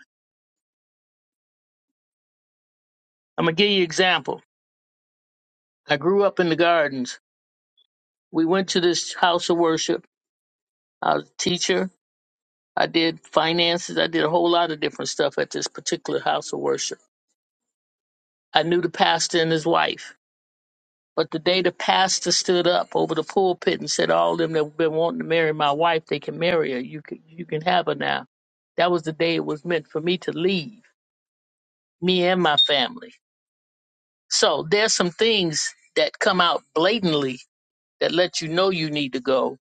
Speaker 7: I'm going to give you an example. I grew up in the gardens we went to this house of worship. I was a teacher. I did finances. I did a whole lot of different stuff at this particular house of worship. I knew the pastor and his wife. But the day the pastor stood up over the pulpit and said, "All them that have been wanting to marry my wife, they can marry her. You can, you can have her now." That was the day it was meant for me to leave, me and my family. So there's some things that come out blatantly that let you know you need to go,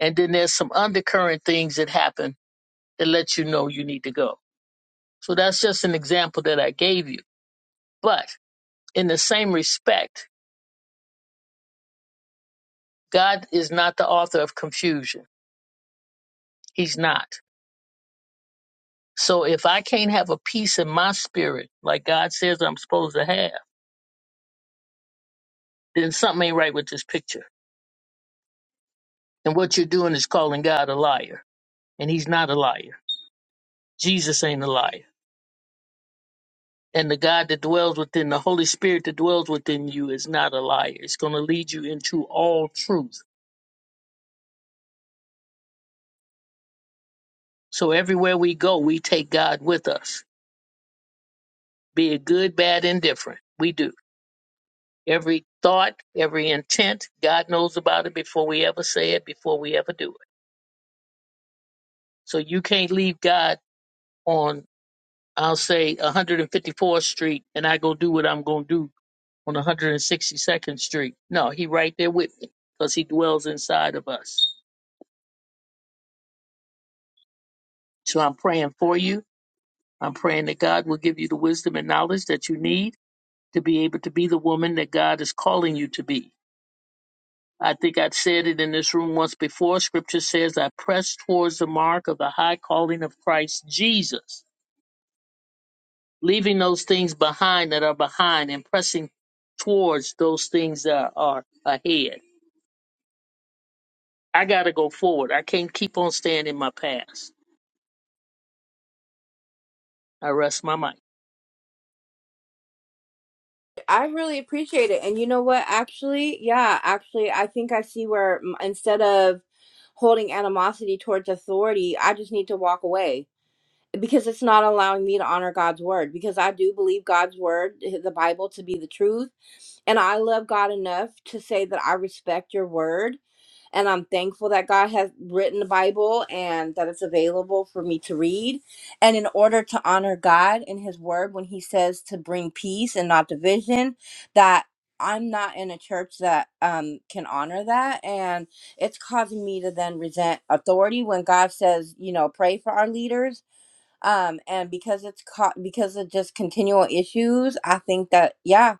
Speaker 7: and then there's some undercurrent things that happen It lets you know you need to go. So that's just an example that I gave you. But in the same respect, God is not the author of confusion. He's not. So if I can't have a peace in my spirit, like God says I'm supposed to have, then something ain't right with this picture. And what you're doing is calling God a liar. And he's not a liar. Jesus ain't a liar. And the God that dwells within the Holy Spirit that dwells within you is not a liar. It's going to lead you into all truth So everywhere we go, we take God with us, be it good, bad, indifferent. We do. Every thought, every intent, God knows about it before we ever say it, before we ever do it. So you can't leave God on, I'll say, 154th Street and I go do what I'm going to do on 162nd Street. No, He right there with me because He dwells inside of us. So I'm praying for you. I'm praying that God will give you the wisdom and knowledge that you need to be able to be the woman that God is calling you to be I think I've said it in this room once before. Scripture says, I press towards the mark of the high calling of Christ Jesus, leaving those things behind that are behind and pressing towards those things that are ahead. I got to go forward. I can't keep on staying in my past. I rest my mic.
Speaker 6: I really appreciate it. And you know what? Actually, yeah, actually I think I see where mm, instead of holding animosity towards authority, I just need to walk away because it's not allowing me to honor God's word because I do believe God's word, eh, the Bible to be the truth, and I love God enough to say that I respect your word And I'm thankful that God has written the Bible and that it's available for me to read. And in order to honor God in His Word, when He says to bring peace and not division, that I'm not in a church that um, can honor that. And it's causing me to then resent authority when God says, you know, pray for our leaders um and because it's caught because of just continual issues i think that yeah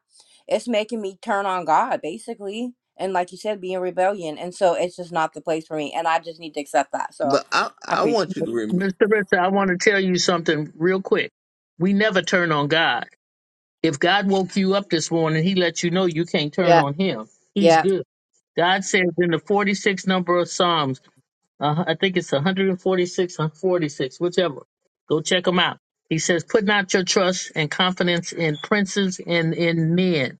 Speaker 6: it's making me turn on god basically and like you said be in rebellion and so it's just not the place for me and i just need to accept that so
Speaker 1: But I,
Speaker 6: i
Speaker 1: I
Speaker 6: appreciate
Speaker 1: want you to remember.
Speaker 7: Mr. Rissa, I want to tell you something real quick. We never turn on God. If God woke you up this morning, he let you know you can't turn
Speaker 6: Yeah,
Speaker 7: on him. He's
Speaker 6: yeah,
Speaker 7: good. God says in the 46 number of Psalms, Uh, I think it's 146 forty-six, one forty-six, whichever. Go check them out. He says, put not your trust and confidence in princes and in men,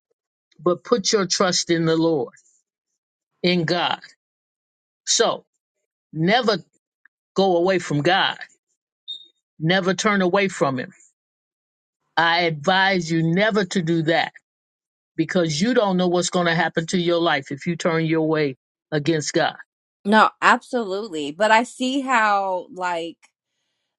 Speaker 7: but put your trust in the Lord, in God. So never go away from God. Never turn away from him. I advise you never to do that because you don't know what's going to happen to your life if you turn your way against God.
Speaker 6: no absolutely but i see how like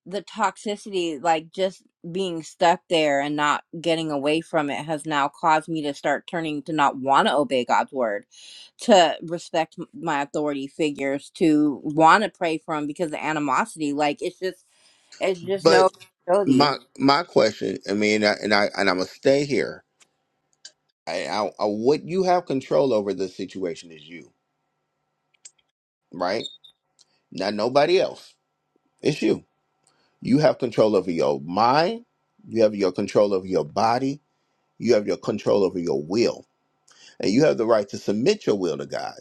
Speaker 6: the toxicity, like just being stuck there and not getting away from it, has now caused me to start turning to not want to obey God's word, to respect m- my authority figures, to want to pray for them because of animosity. Like it's just, it's just
Speaker 1: But
Speaker 6: no accountability.
Speaker 1: my my question, I mean, and I and, I, and I'm gonna stay here. I, I, I what you have control over the situation is you, right? Not nobody else. It's you. You have control over your mind. You have your control over your body. You have your control over your will And you have the right to submit your will to God.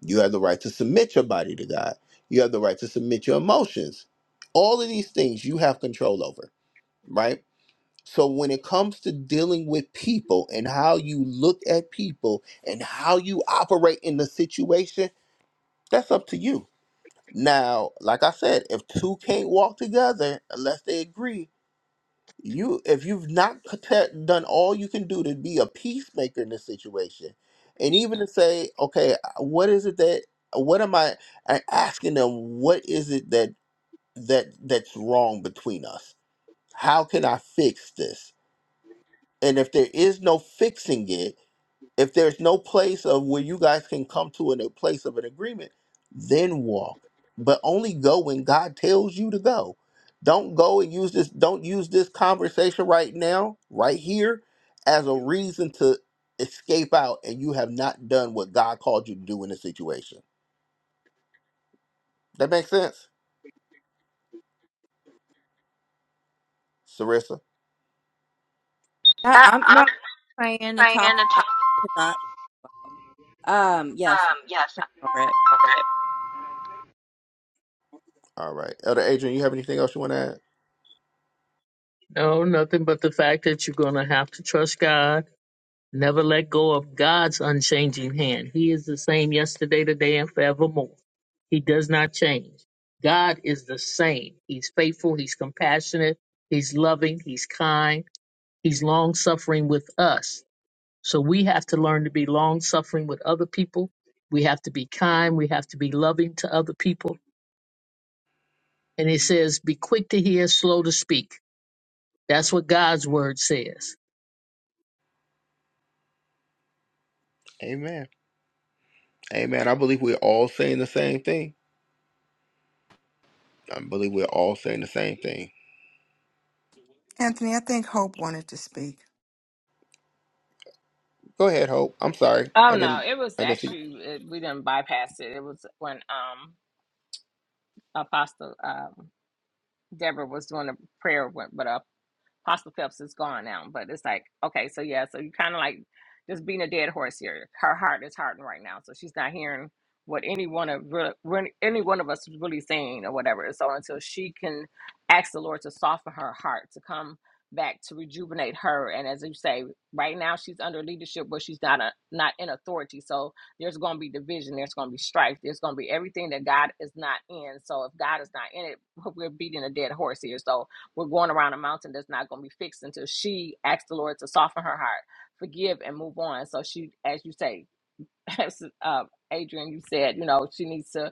Speaker 1: You have the right to submit your body to God. You have the right to submit your emotions. All of these things you have control over, right? So when it comes to dealing with people and how you look at people and how you operate in the situation, that's up to you. Now, like I said, if two can't walk together unless they agree, you if you've not protect- done all you can do to be a peacemaker in this situation and even to say okay uh, what is it that what am i i asking them what is it that that that's wrong between us how can i fix this and if there is no fixing it if there's no place of where you guys can come to in a place of an agreement, then walk. But only go when God tells you to go. Don't go and use this, don't use this conversation right now, right here, as a reason to escape out and you have not done what God called you to do in this situation. That makes sense? Sarissa?
Speaker 6: I,
Speaker 7: Uh,
Speaker 6: I'm
Speaker 7: I'm
Speaker 6: not praying and
Speaker 7: praying and
Speaker 6: talking about
Speaker 7: talking.
Speaker 6: it. Not, um, yes, I'm
Speaker 7: Um, yes.
Speaker 6: praying over it.
Speaker 1: All right. Elder Adrian, you have anything else you want to add?
Speaker 7: No, nothing but the fact that you're going to have to trust God. Never let go of God's unchanging hand. He is the same yesterday, today, and forevermore. He does not change. God is the same. He's faithful. He's compassionate. He's loving. He's kind. He's long suffering with us. So we have to learn to be long suffering with other people. We have to be kind. We have to be loving to other people. And it says, be quick to hear, slow to speak. That's what God's word says.
Speaker 1: Amen. Amen. I believe we're all saying the same thing. I believe we're all saying the same thing.
Speaker 5: Anthony, I think Hope wanted to speak.
Speaker 1: Go ahead, Hope. I'm sorry.
Speaker 4: Oh
Speaker 1: I
Speaker 4: no,
Speaker 1: didn't
Speaker 4: it was
Speaker 1: I didn't see
Speaker 4: actually it, we didn't bypass it. It was when um Apostle um Deborah was doing a prayer, with, with Apostle Phelps is gone now, but it's like, okay, so yeah, so you kind of like just being a dead horse here. Her heart is hardened right now, so she's not hearing what any one of re- re- any one of us is really saying or whatever. So until she can ask the Lord to soften her heart, to come back to rejuvenate her, and as you say, right now she's under leadership, but she's not a, not in authority. So there's going to be division, there's going to be strife, there's going to be everything that God is not in. So if God is not in it, we're beating a dead horse here. So we're going around a mountain that's not going to be fixed until she asks the Lord to soften her heart, forgive, and move on. So she, as you say, as uh, Adrian, you said, you know, she needs to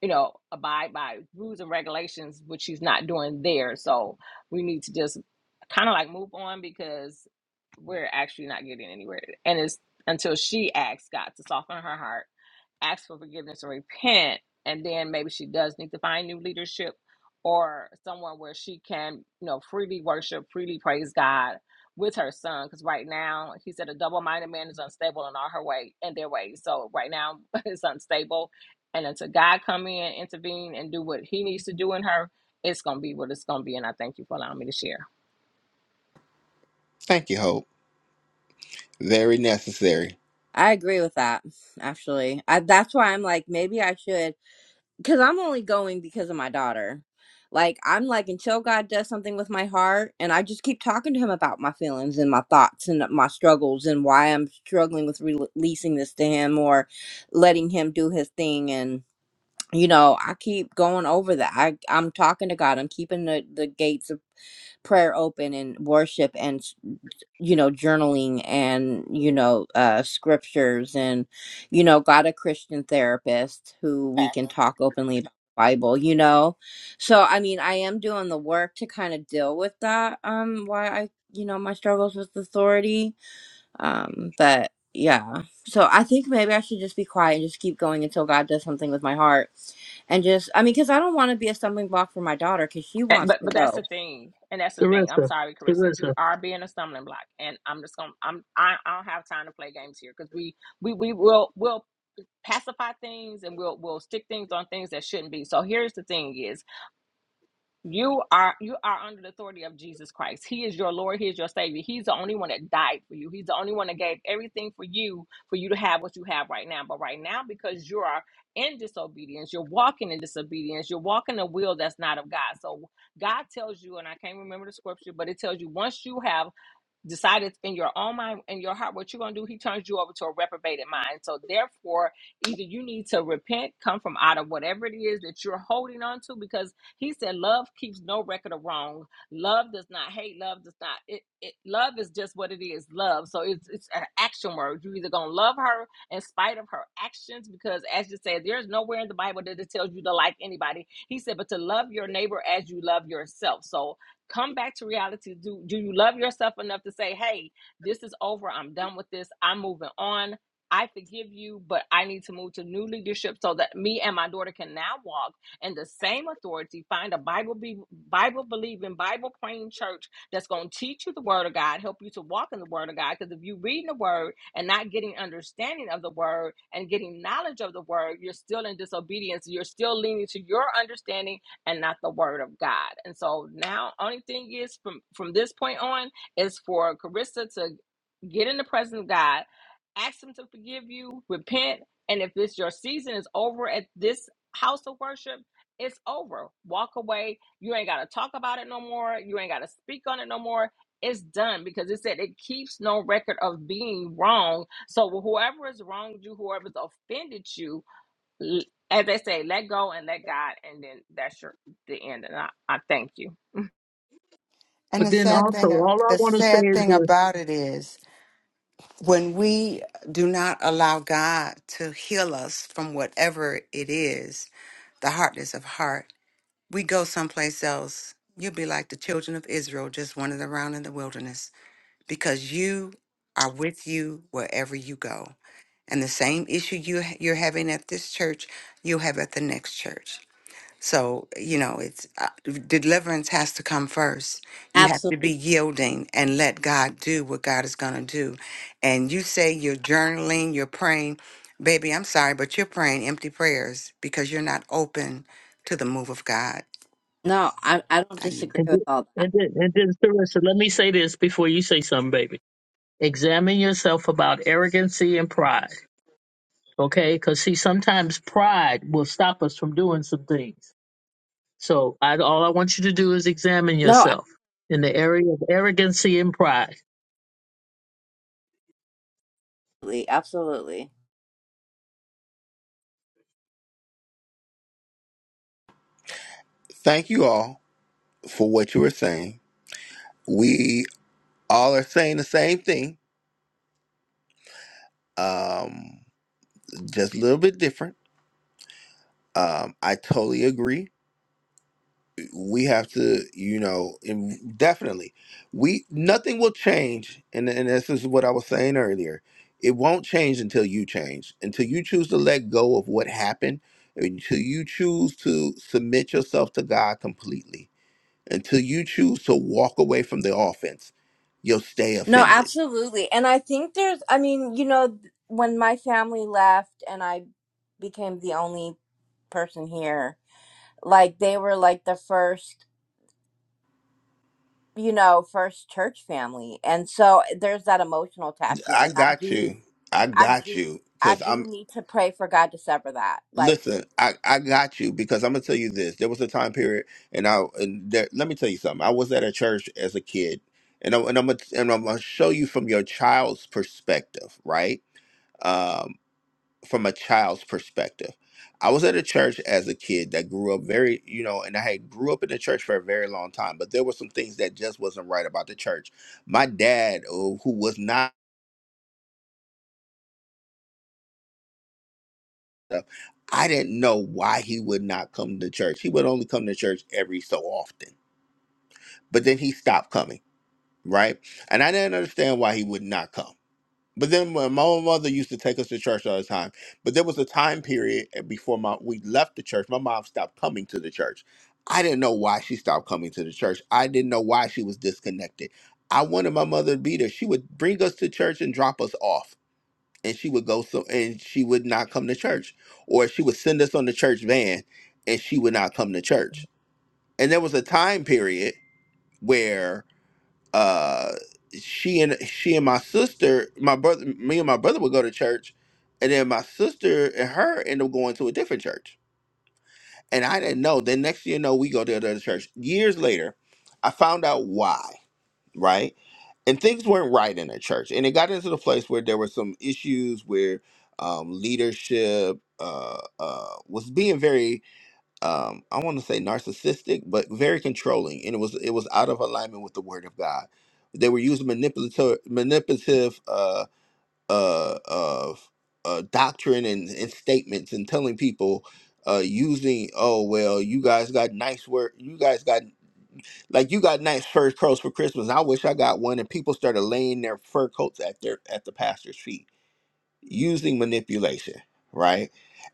Speaker 4: you know, abide by rules and regulations, which she's not doing there. So we need to just kind of like move on because we're actually not getting anywhere. And it's until she asks God to soften her heart, ask for forgiveness and repent, and then maybe she does need to find new leadership or someone where she can, you know, freely worship, freely praise God with her son. Because right now, he said a double-minded man is unstable in all her way in their ways. So right now, it's unstable and until God come in, intervene, and do what He needs to do in her, it's gonna be what it's gonna be. And I thank you for allowing me to share.
Speaker 1: Thank you, Hope. Very necessary.
Speaker 6: I agree with that. Actually, I, that's why I'm like, maybe I should. because I'm only going because of my daughter. Like I'm like until God does something with my heart, and I just keep talking to Him about my feelings and my thoughts and my struggles and why I'm struggling with rel- releasing this to Him or letting Him do His thing. And you know, I keep going over that. I I'm talking to God. I'm keeping the the gates of prayer open and worship and s- you know journaling and you know uh scriptures and you know got a christian therapist who we can talk openly about the bible you know so i mean i am doing the work to kind of deal with that um why i you know my struggles with authority um but yeah so i think maybe i should just be quiet and just keep going until god does something with my heart and just i mean because i don't want to be a stumbling block for my daughter because she
Speaker 4: And,
Speaker 6: wants
Speaker 4: but
Speaker 6: to
Speaker 4: but that's
Speaker 6: go
Speaker 4: the thing, and that's the thing. I'm
Speaker 7: Sarissa,
Speaker 4: sorry, Carissa, you
Speaker 7: Sarissa.
Speaker 4: are being a stumbling block, and I'm just gonna I'm I, I don't have time to play games here because we we we will will pacify things and we'll we'll stick things on things that shouldn't be. So here's the thing: is You are you are under the authority of Jesus Christ. He is your Lord, he is your savior. He's the only one that died for you. He's the only one that gave everything for you for you to have what you have right now. But right now because you are in disobedience, you're walking in disobedience. You're walking a will that's not of God. So God tells you and I can't remember the scripture, but it tells you once you have decided in your own mind in your heart what you're going to do he turns you over to a reprobated mind so therefore either you need to repent come from out of whatever it is that you're holding on to because he said love keeps no record of wrong love does not hate love does not it, it love is just what it is love so it's it's an action word you either going to love her in spite of her actions because as you said there's nowhere in the bible that it tells you to like anybody he said but to love your neighbor as you love yourself so Come back to reality. Do, do you love yourself enough to say, hey, this is over. I'm done with this. I'm moving on. I forgive you, but I need to move to new leadership so that me and my daughter can now walk in the same authority. Find a Bible be, Bible believing, Bible praying church that's going to teach you the Word of God, help you to walk in the Word of God. Because if you reading the Word and not getting understanding of the Word and getting knowledge of the Word, you're still in disobedience. You're still leaning to your understanding and not the word of God. And so now only thing is from from this point on is for Carissa to get in the presence of God, ask him to forgive you, repent, and if it's your season is over at this house of worship, it's over. Walk away. You ain't gotta talk about it no more. You ain't gotta speak on it no more. It's done because it said it keeps no record of being wrong. So whoever has wronged you, whoever's offended you, L- As they say, let go and let God, and then that's your the end. And I, I thank you.
Speaker 5: And
Speaker 7: But
Speaker 5: the
Speaker 7: then
Speaker 5: sad
Speaker 7: also,
Speaker 5: thing uh,
Speaker 7: all I
Speaker 5: the
Speaker 7: want to say
Speaker 5: sad
Speaker 7: is
Speaker 5: thing
Speaker 7: this,
Speaker 5: about it is when we do not allow God to heal us from whatever it is, the hardness of heart, we go someplace else. You'll be like the children of Israel just wandering around in the wilderness because you are with you wherever you go. And the same issue you, you're having at this church, you'll have at the next church. So, you know, it's uh, deliverance has to come first. You have to
Speaker 6: Absolutely.
Speaker 5: be yielding and let God do what God is going to do. And you say you're journaling, you're praying. Baby, I'm sorry, but you're praying empty prayers because you're not open to the move of God.
Speaker 6: No, I, I don't
Speaker 5: I-
Speaker 6: disagree
Speaker 7: and then,
Speaker 6: with all that.
Speaker 7: and then, and then Sarissa, let me say this before you say something, baby. Examine yourself about arrogancy and pride, okay? Because see, sometimes pride will stop us from doing some things. So I, all I want you to do is examine
Speaker 6: No.
Speaker 7: yourself in the area of arrogancy and pride.
Speaker 6: Absolutely, absolutely.
Speaker 1: Thank you all for what you were saying. We all are saying the same thing. Um just a little bit different. Um I totally agree we have to you know and definitely we nothing will change and, and this is what i was saying earlier it won't change until you change until you choose to let go of what happened until you choose to submit yourself to god completely until you choose to walk away from the offense you'll stay
Speaker 6: No,
Speaker 1: offended
Speaker 6: absolutely. And I think there's, I mean, you know, th- when my family left and I became the only person here, like they were like the first, you know, first church family. And so eh, there's that emotional attachment.
Speaker 1: i
Speaker 6: And I
Speaker 1: got
Speaker 6: do,
Speaker 1: you i
Speaker 6: I
Speaker 1: got
Speaker 6: do,
Speaker 1: you
Speaker 6: I
Speaker 1: because
Speaker 6: do need to pray for God to sever that. Like,
Speaker 1: Listen, I, I got you because I'm gonna tell you this. There was a time period, and I and there, let me tell you something. I was at a church as a kid, and I'm and I'm gonna, and I'm gonna show you from your child's perspective, right? Um, from a child's perspective, I was at a church as a kid that grew up very, you know, and I had grew up in the church for a very long time, but there were some things that just wasn't right about the church. My dad, oh, who was not. I didn't know why he would not come to church. He would only come to church every so often but then he stopped coming, right? And I didn't understand why he would not come. But then when my own mother used to take us to church all the time, but there was a time period eh, before my we left the church, my mom stopped coming to the church. I didn't know why she stopped coming to the church. I didn't know why she was disconnected. I wanted my mother to be there. She would bring us to church and drop us off. And she would go so and she would not come to church. Or she would send us on the church van and she would not come to church. And there was a time period where uh she and she and my sister my brother me and my brother would go to church and then my sister and her end up going to a different church and i didn't know then next thing you know we go to another church years later i found out why right and things weren't right in the church and it got into the place where there were some issues where um, leadership uh, uh, was being very um, I want to say narcissistic, but very controlling, and it was it was out of alignment with the Word of God. They were using manipulative manipulative uh, uh, of uh, doctrine and, and statements, and telling people uh, using oh well, you guys got nice work, you guys got like you got nice fur coats for Christmas. I wish I got one, and people started laying their fur coats at their at the pastor's feet using manipulation, right?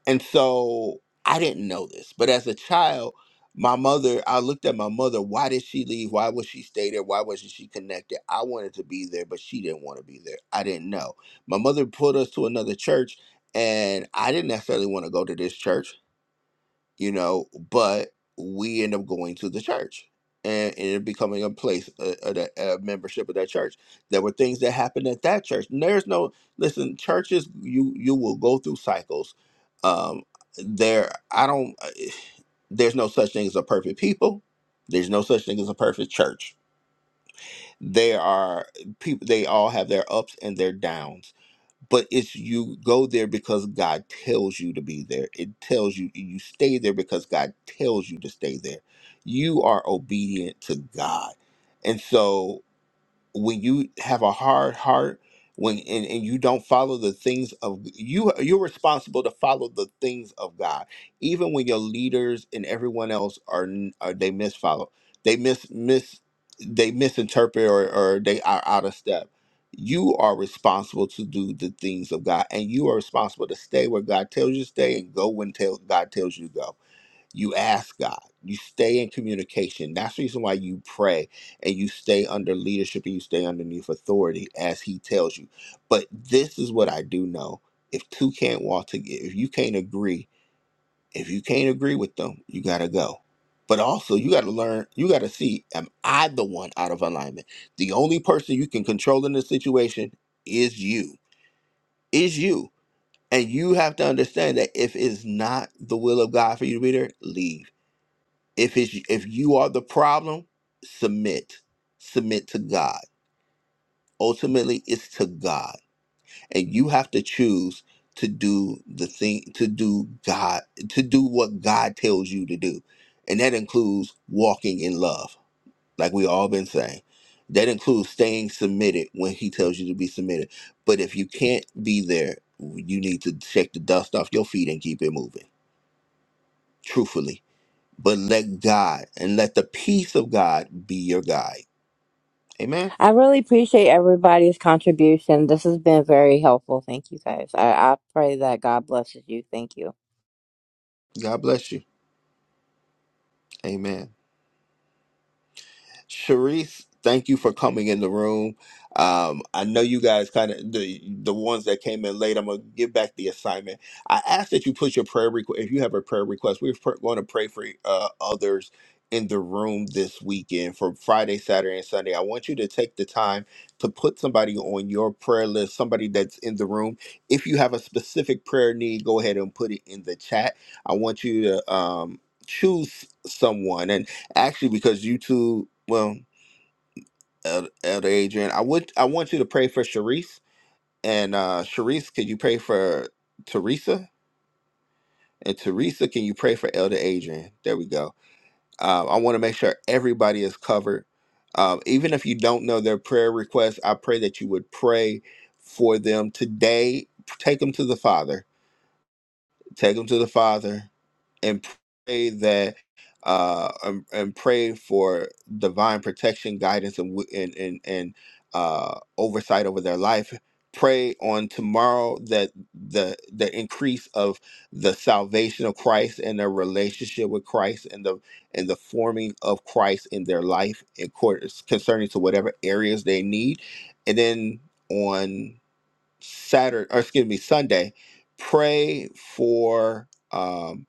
Speaker 1: And so I didn't know this, but as a child, my mother, I looked at my mother. Why did she leave? Why would she stay there? Why wasn't she connected? I wanted to be there, but she didn't want to be there. I didn't know. My mother pulled us to another church, and I didn't necessarily want to go to this church you know, but we end up going to the church and, and it becoming a place, a, a, a membership of that church. There were things that happened at that church. And there's no, listen, churches, you, you will go through cycles. Um, there, I don't, uh, there's no such thing as a perfect people. There's no such thing as a perfect church. There are people, they all have their ups and their downs but it's you go there because God tells you to be there. It tells you you stay there because God tells you to stay there. You are obedient to God. And so when you have a hard heart when and, and you don't follow the things of you you're responsible to follow the things of god even when your leaders and everyone else are, n- are they misfollow they mis mis they misinterpret or, or they are out of step you are responsible to do the things of god and you are responsible to stay where god tells you to stay and go when tell, god tells you to go you ask God. You stay in communication. That's the reason why you pray and you stay under leadership and you stay underneath authority as He tells you. But this is what I do know: if two can't walk together, if you can't agree, if you can't agree with them, you gotta go. But also, you gotta learn. You gotta see: am I the one out of alignment? The only person you can control in this situation is you. Is you. And you have to understand that if it's not the will of God for you to be there, leave if it's if you are the problem submit submit to god ultimately it's to god and you have to choose to do the thing to do god to do what god tells you to do and that includes walking in love like we all been saying that includes staying submitted when he tells you to be submitted but if you can't be there you need to shake the dust off your feet and keep it moving truthfully but let God and let the peace of God be your guide. Amen.
Speaker 6: I really appreciate everybody's contribution. This has been very helpful. Thank you guys. I, I pray that God blesses you. Thank you.
Speaker 1: God bless you. Amen. Sharice, thank you for coming in the room. Um, I know you guys kind of the the ones that came in late. I'm gonna give back the assignment. I ask that you put your prayer request. If you have a prayer request, we're pr- going to pray for uh, others in the room this weekend for Friday, Saturday, and Sunday. I want you to take the time to put somebody on your prayer list, somebody that's in the room. If you have a specific prayer need, go ahead and put it in the chat. I want you to um, choose someone, actually because you two, well, El- Elder Adrian, I would I want you to pray for Sharice and uh Sharice, could you pray for Teresa? And Teresa, can you pray for Elder Adrian? There we go. Uh, I want to make sure everybody is covered. Um, even if you don't know their prayer request, I pray that you would pray for them today. Take them to the Father Take them to the Father and pray that uh um, and, pray for divine protection guidance and wi- and and, and uh oversight over their life pray on tomorrow that the the increase of the salvation of Christ and their relationship with Christ and the and the forming of Christ in their life in course concerning to whatever areas they need and then on Saturday, or excuse me, Sunday, pray for um,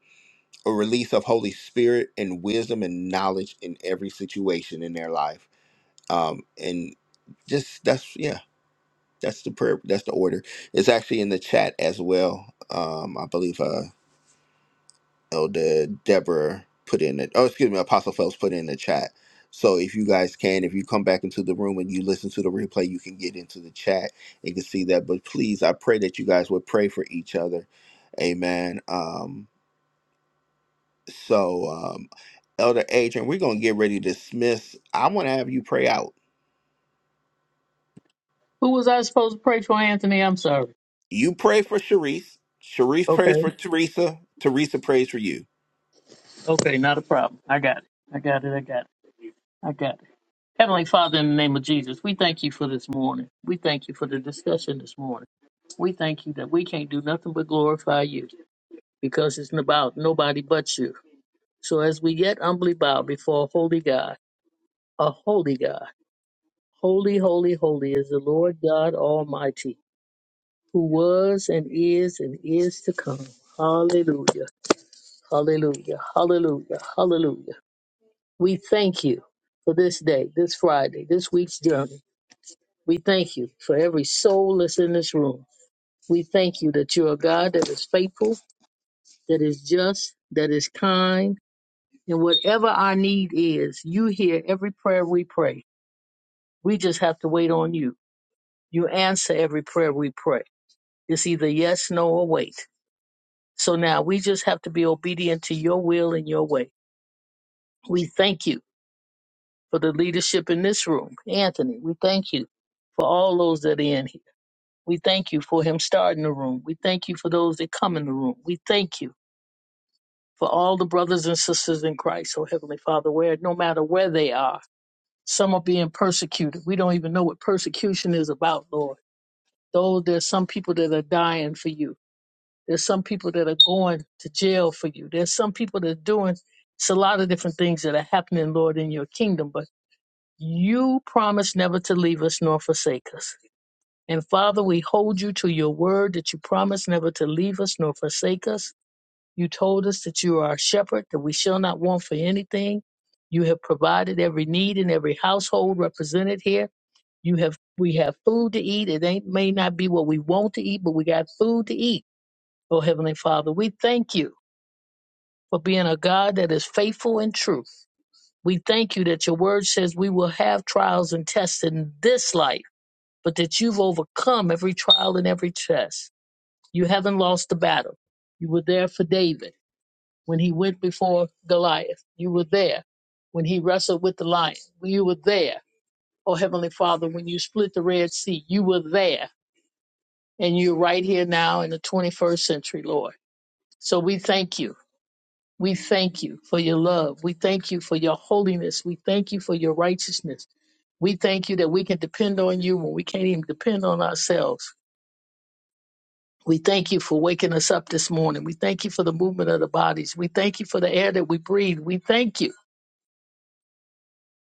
Speaker 1: a release of Holy Spirit and wisdom and knowledge in every situation in their life. Um, and just that's yeah, that's the prayer. That's the order. It's actually in the chat as well. Um, I believe. Uh, Elder Deborah put in it. Oh, excuse me, Apostle Phelps put in the chat. So if you guys can, if you come back into the room and you listen to the replay, you can get into the chat and can see that. But please, I pray that you guys would pray for each other. Amen. Um, so um Elder Adrian, we're gonna get ready to dismiss. I wanna have you pray out.
Speaker 7: Who was I supposed to pray for, Anthony? I'm sorry.
Speaker 1: You pray for Sharice. Sharice prays
Speaker 7: Okay,
Speaker 1: for Teresa. Teresa prays for you.
Speaker 7: okay, not a problem. I got it. I got it. I got it. I got it. Heavenly Father, in the name of Jesus, we thank you for this morning. We thank you for the discussion this morning. We thank you that we can't do nothing but glorify you because it's about nobody but you. So as we yet humbly bow before a holy God, a holy God, holy, holy, holy is the Lord God Almighty, who was and is and is to come. Hallelujah, hallelujah, hallelujah, hallelujah. We thank you for this day, this Friday, this week's journey. We thank you for every soul that's in this room. We thank you that you're a God that is faithful, that is just, that is kind. And whatever our need is, you hear every prayer we pray. We just have to wait on you. You answer every prayer we pray. It's either yes, no, or wait. So now we just have to be obedient to your will and your way. We thank you for the leadership in this room. Anthony, we thank you for all those that are in here. We thank you for him starting the room. We thank you for those that come in the room. We thank you for all the brothers and sisters in Christ, oh Heavenly Father, where no matter where they are, some are being persecuted. We don't even know what persecution is about, Lord. Though there's some people that are dying for you. There's some people that are going to jail for you. There's some people that are doing it's a lot of different things that are happening, Lord, in your kingdom, but you promise never to leave us nor forsake us. And Father, we hold you to your word that you promised never to leave us nor forsake us. You told us that you are our shepherd, that we shall not want for anything. You have provided every need in every household represented here. You have we have food to eat. It ain't may not be what we want to eat, but we got food to eat. Oh Heavenly Father, we thank you for being a God that is faithful and true. We thank you that your word says we will have trials and tests in this life, but that you've overcome every trial and every test. You haven't lost the battle. You were there for David when he went before Goliath. You were there when he wrestled with the lion. You were there, oh Heavenly Father, when you split the Red Sea. You were there, and you're right here now in the 21st century, Lord. So we thank you. We thank you for your love. We thank you for your holiness. We thank you for your righteousness. We thank you that we can depend on you when we can't even depend on ourselves. We thank you for waking us up this morning. We thank you for the movement of the bodies. We thank you for the air that we breathe. We thank you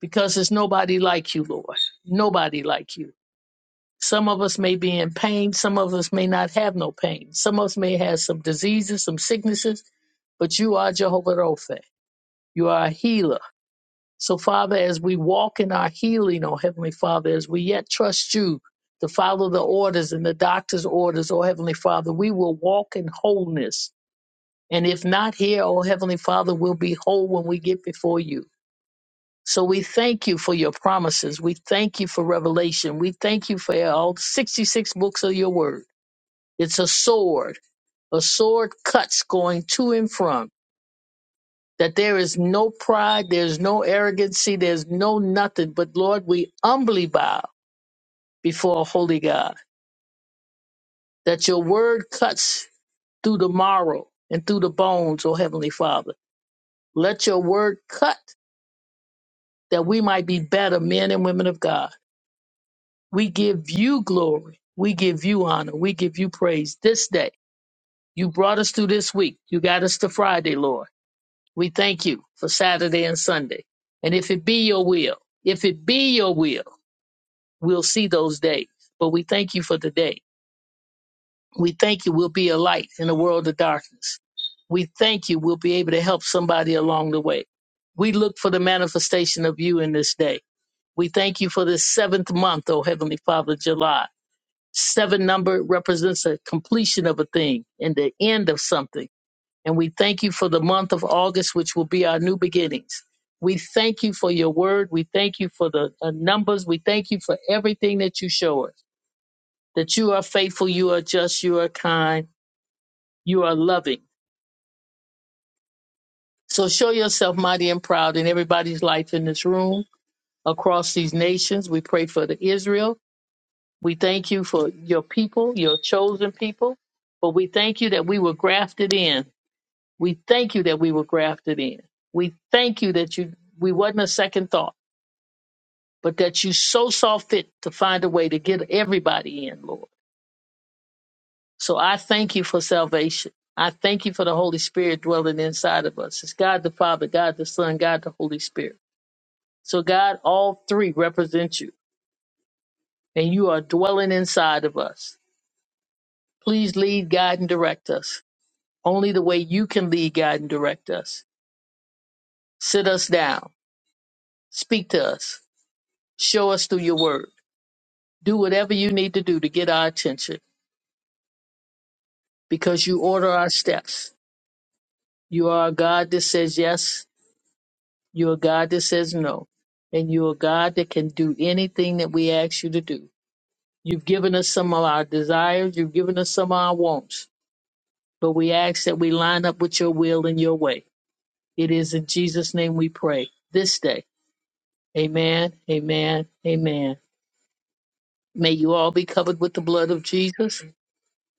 Speaker 7: because there's nobody like you, Lord. Nobody like you. Some of us may be in pain. Some of us may not have no pain. Some of us may have some diseases, some sicknesses, but you are Jehovah Rophe. You are a healer. So, Father, as we walk in our healing, oh Heavenly Father, as we yet trust you to follow the orders and the doctor's orders, oh Heavenly Father, we will walk in wholeness And if not here, O Heavenly Father, we'll be whole when we get before you. So we thank you for your promises. We thank you for revelation. We thank you for all 66 books of your word. It's a sword. A sword cuts going to and from. That there is no pride, there's no arrogancy, there's no nothing. But Lord, we humbly bow before a holy God. That your word cuts through the marrow and through the bones, O Heavenly Father. Let your word cut that we might be better men and women of God. We give you glory. We give you honor. We give you praise this day. You brought us through this week. You got us to Friday, Lord. We thank you for Saturday and Sunday. And if it be your will, if it be your will, we'll see those days. But we thank you for the day. We thank you we'll be a light in a world of darkness. We thank you we'll be able to help somebody along the way. We look for the manifestation of you in this day. We thank you for this seventh month, O Heavenly Father, July. Seven number represents a completion of a thing and the end of something. And we thank you for the month of August, which will be our new beginnings. We thank you for your word. We thank you for the uh, numbers. We thank you for everything that you show us that you are faithful, you are just, you are kind, you are loving. So show yourself mighty and proud in everybody's life in this room, across these nations. We pray for the Israel. We thank you for your people, your chosen people. But we thank you that we were grafted in. We thank you that we were grafted in. We thank you that you we wasn't a second thought, but that you so saw fit to find a way to get everybody in, Lord. So I thank you for salvation. I thank you for the Holy Spirit dwelling inside of us. It's God the Father, God the Son, God the Holy Spirit. So God, all three represent you, and you are dwelling inside of us. Please lead, guide, and direct us. Only the way you can lead, guide, and direct us. Sit us down. Speak to us. Show us through your word. Do whatever you need to do to get our attention because you order our steps. You are a God that says yes. You're a God that says no. And you're a God that can do anything that we ask you to do. You've given us some of our desires. You've given us some of our wants. But we ask that we line up with your will and your way. It is in Jesus' name we pray this day. Amen, amen, amen. May you all be covered with the blood of Jesus.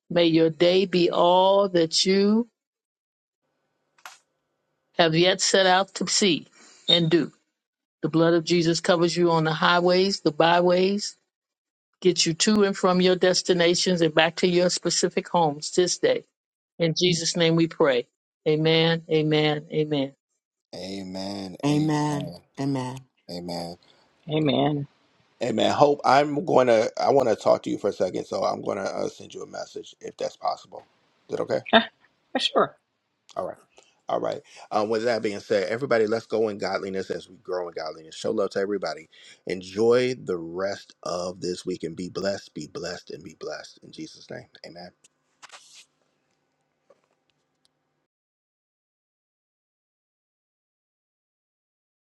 Speaker 7: May your day be all that you have yet set out to see and do. The blood of Jesus covers you on the highways, the byways, gets you to and from your destinations and back to your specific homes this day. In Jesus' name we pray. Amen, amen, amen.
Speaker 1: Amen.
Speaker 5: Amen.
Speaker 1: Amen.
Speaker 5: Amen.
Speaker 1: Amen.
Speaker 4: Amen.
Speaker 1: Hey man, Hope, I'm going to I want to talk to you for a second, so I'm going to uh, send you a message if that's possible. Is that okay?
Speaker 4: sure.
Speaker 1: All right. All right. Um, with that being said, everybody, let's go in godliness as we grow in godliness. Show love to everybody. Enjoy the rest of this week and be blessed, be blessed, and be blessed. In Jesus' name, amen.